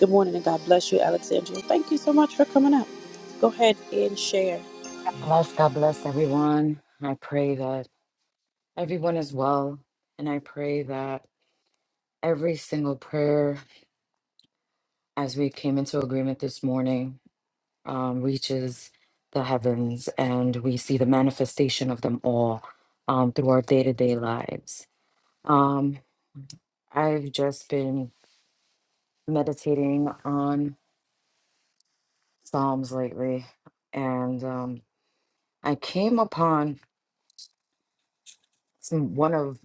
S1: Good morning and God bless you, Alexandria. Thank you so much for coming up. Go ahead and share.
S7: Bless, God bless everyone. I pray that everyone is well. And I pray that every single prayer as we came into agreement this morning um, reaches the heavens and we see the manifestation of them all um, through our day to day lives. Um, I've just been meditating on Psalms lately and um, I came upon It's m- one of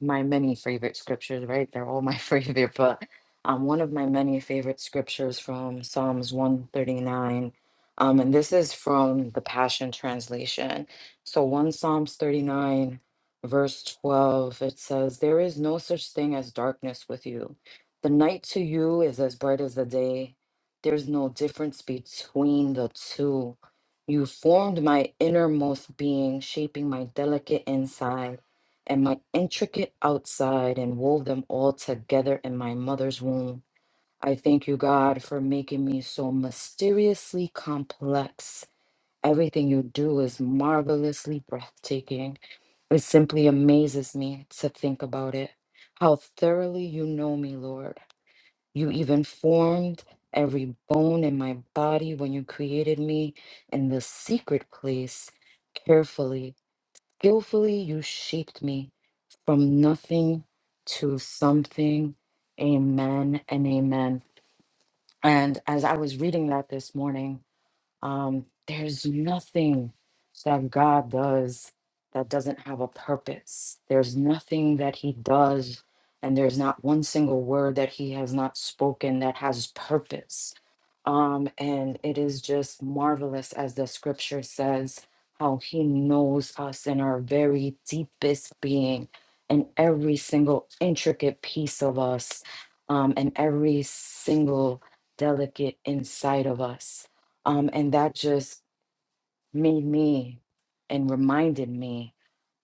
S7: my many favorite scriptures, right? They're all my favorite, but um, one of my many favorite scriptures from Psalms 139. Um, and this is from the Passion Translation. So, 1 Psalms 39, verse 12, it says, There is no such thing as darkness with you. The night to you is as bright as the day. There's no difference between the two. You formed my innermost being, shaping my delicate inside and my intricate outside and wove them all together in my mother's womb. I thank you, God, for making me so mysteriously complex. Everything you do is marvelously breathtaking. It simply amazes me to think about it. How thoroughly you know me, Lord. You even formed every bone in my body when you created me in the secret place carefully skillfully you shaped me from nothing to something. Amen and amen. And as I was reading that this morning, um, there's nothing that God does that doesn't have a purpose. There's nothing that He does, and there's not one single word that He has not spoken that has purpose. Um, and it is just marvelous, as the scripture says, how He knows us in our very deepest being and every single intricate piece of us um, and every single delicate inside of us um, and that just made me and reminded me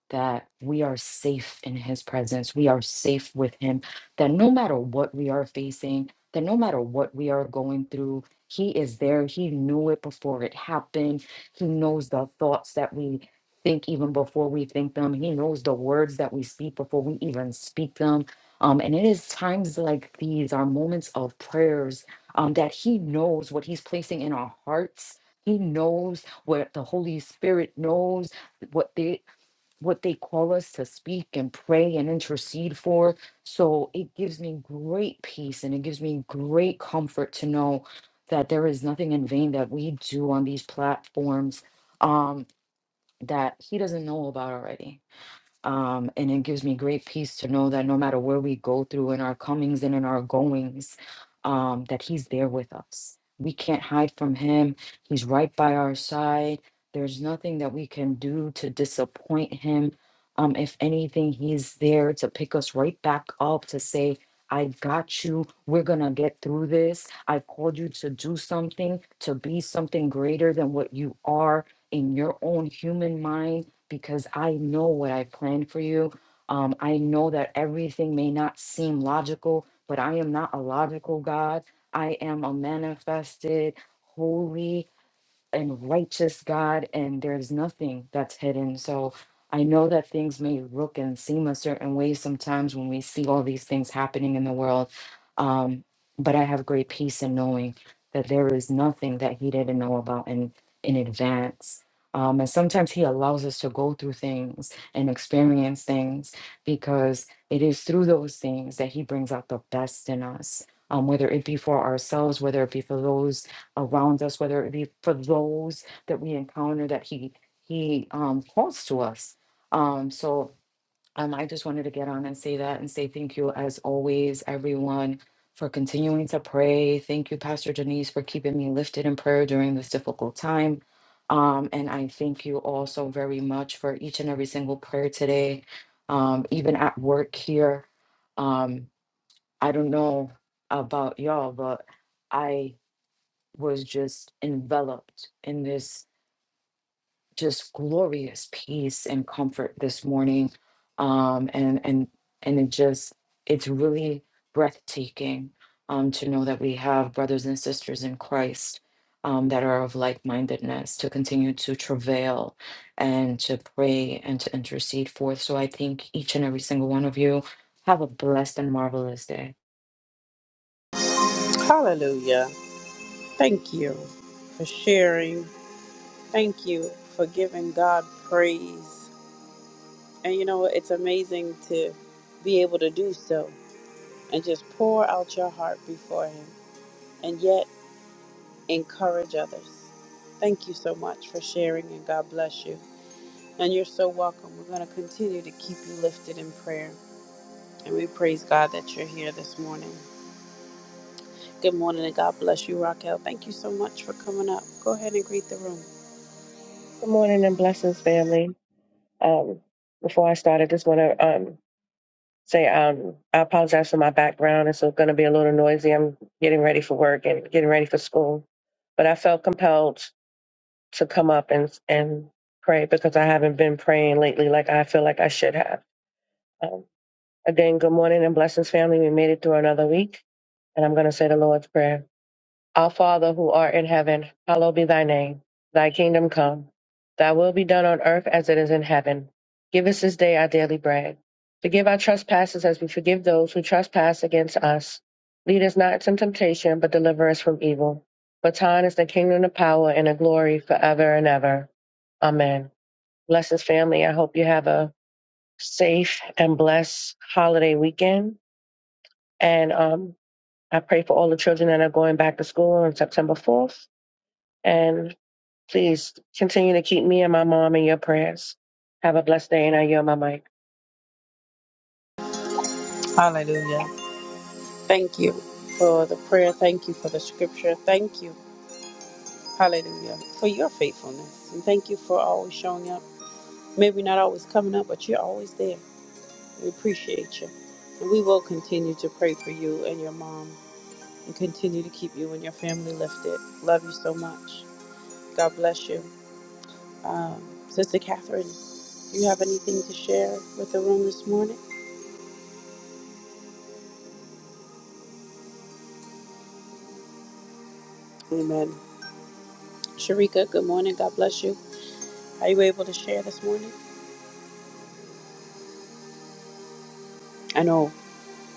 S7: that we are safe in his presence. We are safe with him. That no matter what we are facing, that no matter what we are going through, he is there. He knew it before it happened. He knows the thoughts that we think even before we think them. He knows the words that we speak before we even speak them. Um, and it is times like these, our moments of prayers, um, that he knows what he's placing in our hearts. He knows what the Holy Spirit knows what they what they call us to speak and pray and intercede for. So it gives me great peace and it gives me great comfort to know that there is nothing in vain that we do on these platforms um, that He doesn't know about already. Um, and it gives me great peace to know that no matter where we go through in our comings and in our goings, um, that He's there with us. We can't hide from Him. He's right by our side. There's nothing that we can do to disappoint Him. Um, if anything, He's there to pick us right back up to say, I got you. We're going to get through this. I called you to do something, to be something greater than what you are in your own human mind because I know what I planned for you. Um, I know that everything may not seem logical, but I am not a logical God. I am a manifested, holy and righteous God, and there's nothing that's hidden. So I know that things may look and seem a certain way sometimes when we see all these things happening in the world. Um, but I have great peace in knowing that there is nothing that He didn't know about in, in advance. Um, and sometimes He allows us to go through things and experience things because it is through those things that He brings out the best in us. Um, whether it be for ourselves, whether it be for those around us, whether it be for those that we encounter that he he um calls to us. Um so um I just wanted to get on and say that and say thank you as always, everyone, for continuing to pray. Thank you, Pastor Denise, for keeping me lifted in prayer during this difficult time. Um, and I thank you also very much for each and every single prayer today, um, even at work here. Um, I don't know about y'all, but I was just enveloped in this just glorious peace and comfort this morning um and and and it just it's really breathtaking um to know that we have brothers and sisters in Christ um that are of like-mindedness to continue to travail and to pray and to intercede forth so i think each and every single one of you have a blessed and marvelous day
S1: Hallelujah. Thank you for sharing. Thank you for giving God praise. And you know, it's amazing to be able to do so and just pour out your heart before Him and yet encourage others. Thank you so much for sharing and God bless you. And you're so welcome. We're going to continue to keep you lifted in prayer. And we praise God that you're here this morning. Good morning and God bless you, Raquel. Thank you so much for coming up. Go ahead and greet the room.
S8: Good morning and blessings, family. Um, before I start, I just want to um, say um, I apologize for my background. It's going to be a little noisy. I'm getting ready for work and getting ready for school, but I felt compelled to come up and and pray because I haven't been praying lately like I feel like I should have. Um, again, good morning and blessings, family. We made it through another week, and I'm going to say the Lord's prayer. Our Father who art in heaven, hallowed be thy name. Thy kingdom come. Thy will be done on earth as it is in heaven. Give us this day our daily bread. Forgive our trespasses as we forgive those who trespass against us. Lead us not into temptation, but deliver us from evil. For thine is the kingdom, the power, and the glory forever and ever. Amen. Blessed family, I hope you have a safe and blessed holiday weekend. And um, I pray for all the children that are going back to school on September 4th and please continue to keep me and my mom in your prayers. Have a blessed day, and I yield my mic.
S1: Hallelujah. Thank you for the prayer. Thank you for the scripture. Thank you, hallelujah, for your faithfulness. And thank you for always showing up. Maybe not always coming up, but you're always there. We appreciate you. And we will continue to pray for you and your mom and continue to keep you and your family lifted. Love you so much. God bless you. Um, Sister Catherine, do you have anything to share with the room this morning? Amen. Sharika, good morning. God bless you. Are you able to share this morning? I know,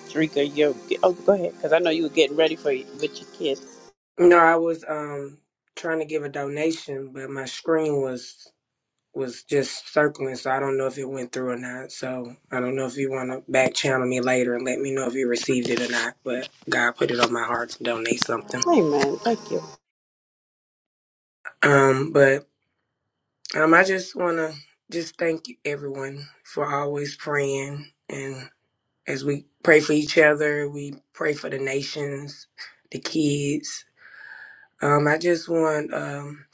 S1: Sharika, you're. Oh, go ahead, because I know you were getting ready for with your kids.
S4: No, I was um trying to give a donation, but my screen was was just circling, so I don't know if it went through or not. So I don't know if you want to back channel me later and let me know if you received it or not. But God put it on my heart to donate something.
S1: Amen. Thank you.
S4: Um, but um, I just want to just thank everyone for always praying. and. as we pray for each other, we pray for the nations, the kids. Um, I just want um,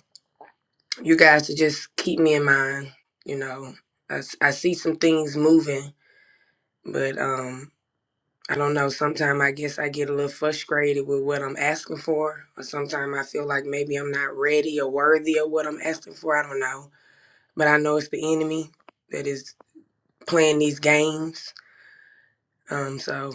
S4: you guys to just keep me in mind. You know, I, s- I see some things moving, but um, I don't know. Sometimes I guess I get a little frustrated with what I'm asking for, or sometimes I feel like maybe I'm not ready or worthy of what I'm asking for. I don't know, but I know it's the enemy that is playing these games. Um, so.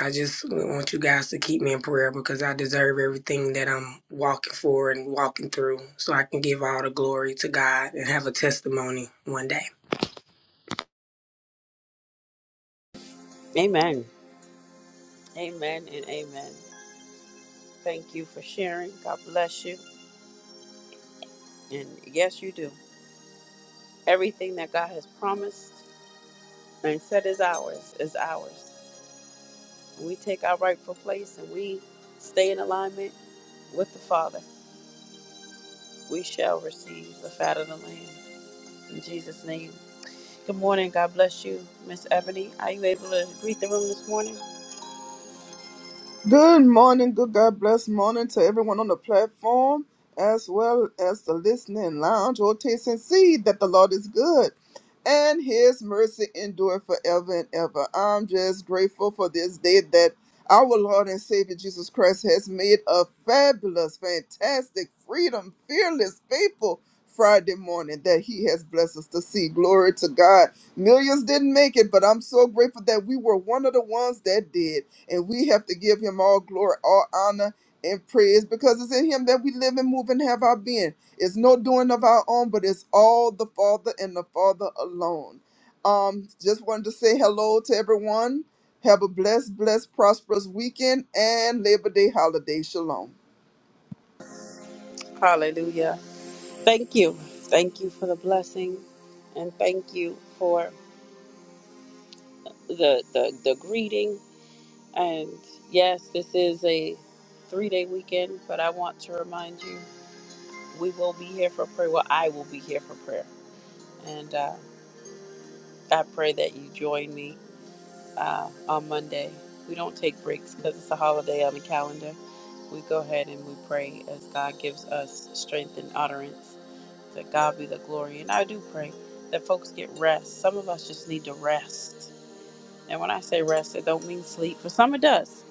S4: I just want you guys to keep me in prayer because I deserve everything that I'm walking for and walking through so I can give all the glory to God and have a testimony one day.
S1: Amen. Amen and amen. Thank you for sharing. God bless you. And yes, you do. Everything that God has promised and said is ours is ours. When we take our rightful place and we stay in alignment with the Father. We shall receive the fat of the land. In Jesus' name. Good morning. God bless you, Miss Ebony. Are you able to greet the room this morning?
S3: Good morning, good God bless morning to everyone on the platform, as well as the listening lounge. Or taste and see that the Lord is good, and His mercy endure forever and ever. I'm just grateful for this day that our Lord and Savior Jesus Christ has made a fabulous, fantastic, freedom, fearless, faithful Friday morning that He has blessed us to see. Glory to God. Millions didn't make it, but I'm so grateful that we were one of the ones that did. And we have to give him all glory, all honor, and praise because it's in him that we live and move and have our being. It's no doing of our own, but it's all the Father and the Father alone. Um, just wanted to say hello to everyone. Have a blessed, blessed, prosperous weekend and Labor Day holiday. Shalom.
S1: Hallelujah. Thank you. Thank you for the blessing and thank you for the the, the greeting. And yes, this is a three day weekend, but I want to remind you we will be here for prayer. Well, I will be here for prayer. And uh, I pray that you join me uh, on Monday. We don't take breaks because it's a holiday on the calendar We go ahead and we pray as God gives us strength and utterance. That God be the glory. And I do pray that folks get rest. Some of us just need to rest. And when I say rest, it don't mean sleep. For some it does.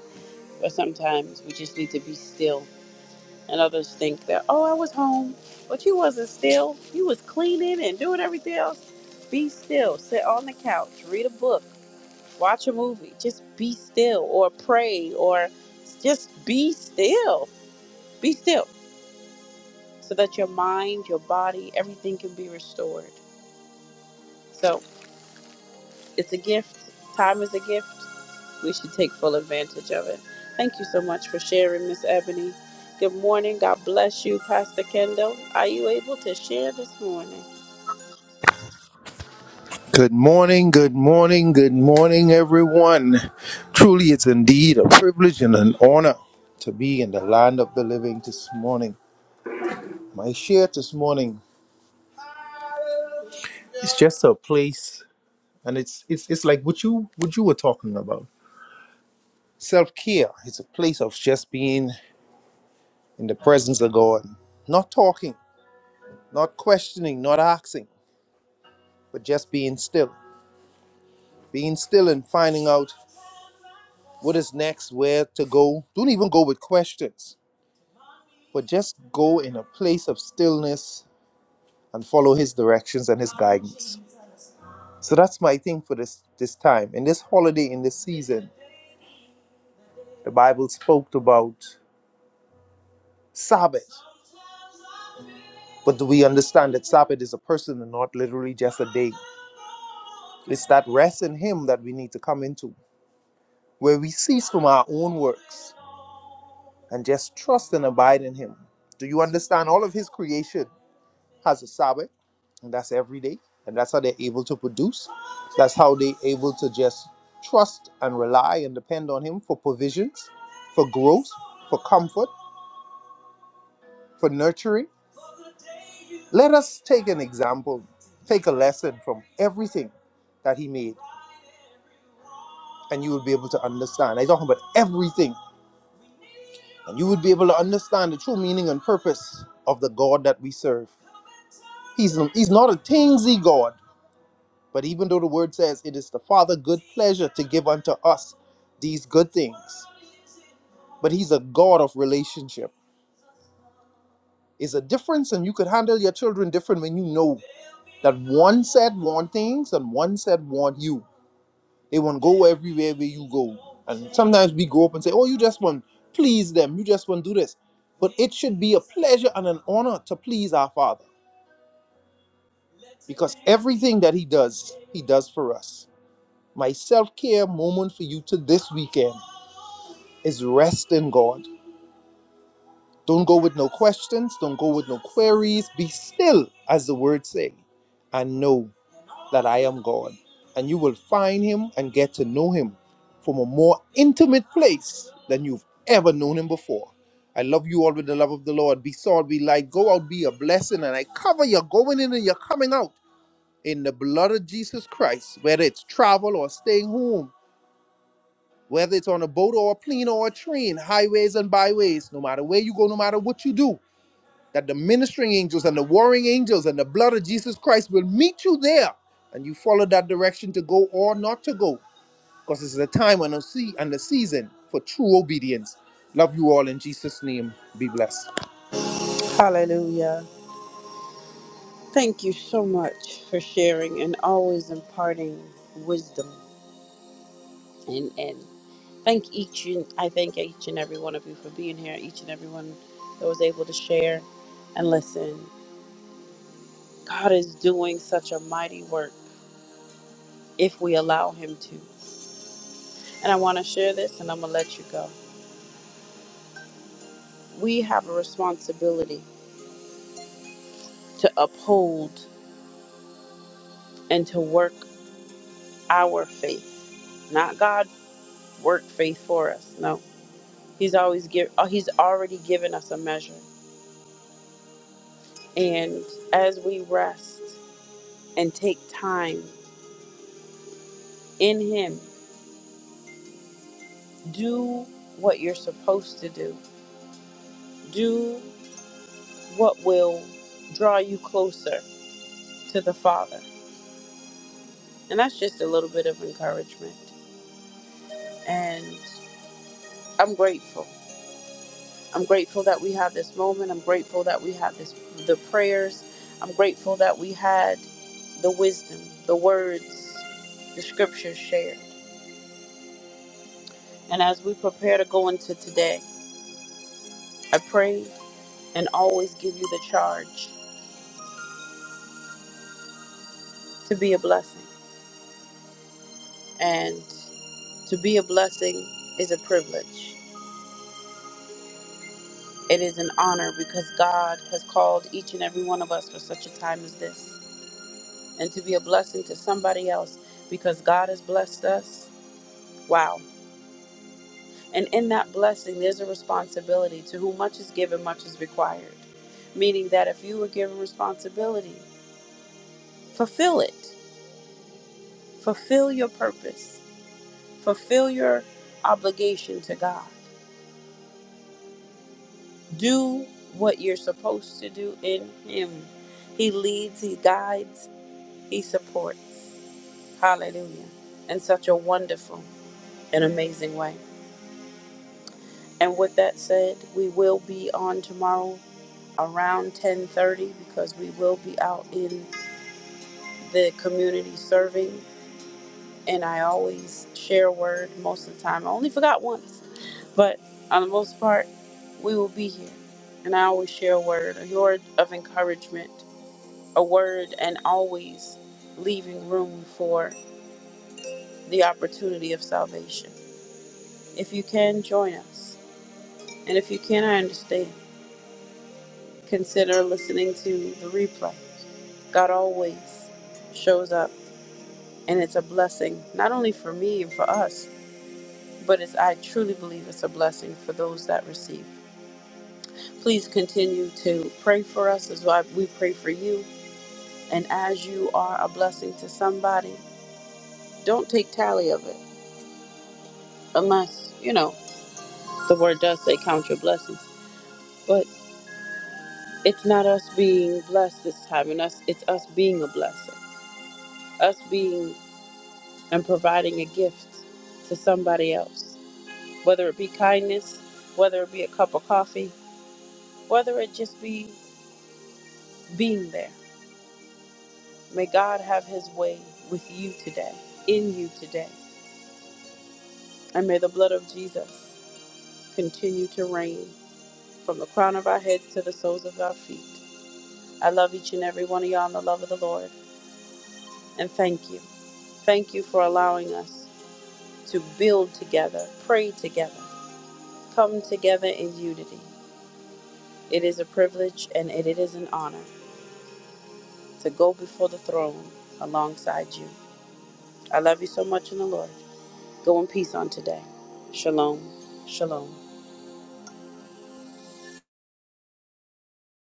S1: But sometimes we just need to be still. And others think that, oh, I was home, but you wasn't still. You was cleaning and doing everything else. Be still. Sit on the couch. Read a book. Watch a movie. Just be still or pray or just be still. Be still so that your mind, your body, everything can be restored. So it's a gift. Time is a gift. We should take full advantage of it. Thank you so much for sharing, Miss Ebony. Good morning. God bless you, Pastor Kendall. Are you able to share this morning?
S5: Good morning, good morning, good morning, everyone. Truly, it's indeed a privilege and an honor to be in the land of the living this morning. My share this morning is just a place, and it's it's it's like what you what you were talking about. Self care. It's a place of just being in the presence of God, not talking, not questioning, not asking, but just being still, being still, and finding out what is next, where to go. Don't even go with questions but just go in a place of stillness and follow his directions and his guidance. So that's my thing for this this time. In this holiday, in this season, the Bible spoke about Sabbath. But do we understand that Sabbath is a person and not literally just a day? It's that rest in him that we need to come into, where we cease from our own works and just trust and abide in him. Do you understand all of his creation? has a Sabbath, and that's every day, and that's how they're able to produce. That's how they're able to just trust and rely and depend on Him for provisions, for growth, for comfort, for nurturing. Let us take an example, take a lesson from everything that He made, and you will be able to understand. I am talking about everything, and you would be able to understand the true meaning and purpose of the God that we serve. He's, he's not a thingsy God. But even though the word says it is the Father good pleasure to give unto us these good things, but he's a God of relationship. It's a difference, and you could handle your children different when you know that one said want things and one said want you. They want to go everywhere where you go. And sometimes we grow up and say, Oh, you just want to please them, you just want to do this. But it should be a pleasure and an honor to please our Father because everything that He does, He does for us. My self care moment for you to this weekend is rest in God. Don't go with no questions, don't go with no queries. Be still, as the word say, and know that I am God. And you will find him and get to know him from a more intimate place than you've ever known him before. I love you all with the love of the Lord. Be salt, be light, go out, be a blessing, and I cover your going in and your coming out in the blood of Jesus Christ, whether it's travel or staying home Whether it's on a boat or a plane or a train, highways and byways, no matter where you go, no matter what you do, that the ministering angels and the warring angels and the blood of Jesus Christ will meet you there and you follow that direction to go or not to go. Because this is a time and a sea and a season for true obedience. Love you all in Jesus' name. Be blessed.
S1: Hallelujah. Thank you so much for sharing and always imparting wisdom and and thank each and I thank each and every one of you for being here, each and every one that was able to share and listen. God is doing such a mighty work if we allow Him to. And I want to share this and I'm going to let you go. We have a responsibility to uphold and to work our faith, not God work faith for us. No, He's always give, uh, He's already given us a measure. And as we rest and take time in Him, do what you're supposed to do. Do what will draw you closer to the Father And that's just a little bit of encouragement. And I'm grateful. I'm grateful that we have this moment. I'm grateful that we have this the prayers. I'm grateful that we had the wisdom, the words, the scriptures shared. And as we prepare to go into today, I pray and always give you the charge to be a blessing. And to be a blessing is a privilege. It is an honor because God has called each and every one of us for such a time as this. and to be a blessing to somebody else because God has blessed us. Wow. And in that blessing, there's a responsibility to whom much is given, much is required. Meaning that if you were given responsibility, fulfill it. Fulfill your purpose. Fulfill your obligation to God. Do what you're supposed to do in Him. He leads, He guides, He supports. Hallelujah. In such a wonderful and amazing way. And with that said, we will be on tomorrow around 10:30 because we will be out in the community serving. And I always share a word most of the time. I only forgot once, but on the most part, we will be here. And I always share a word, a word of encouragement, a word, and always leaving room for the opportunity of salvation. If you can, join us. And if you can, I understand. Consider listening to the replay. God always shows up, and it's a blessing, not only for me and for us, but it's, I truly believe it's a blessing for those that receive. Please continue to pray for us as well. we pray for you. And as you are a blessing to somebody, don't take tally of it, unless, you know, the word does say count your blessings. But it's not us being blessed this time, and us, it's us being a blessing, us being and providing a gift to somebody else, whether it be kindness, whether it be a cup of coffee, whether it just be being there. May God have his way with you today, in you today. And may the blood of Jesus continue to reign from the crown of our heads to the soles of our feet. I love each and every one of y'all in the love of the Lord. And thank you. Thank you for allowing us to build together, pray together, come together in unity. It is a privilege and it is an honor to go before the throne alongside you. I love you so much in the Lord. Go in peace on today. Shalom. Shalom.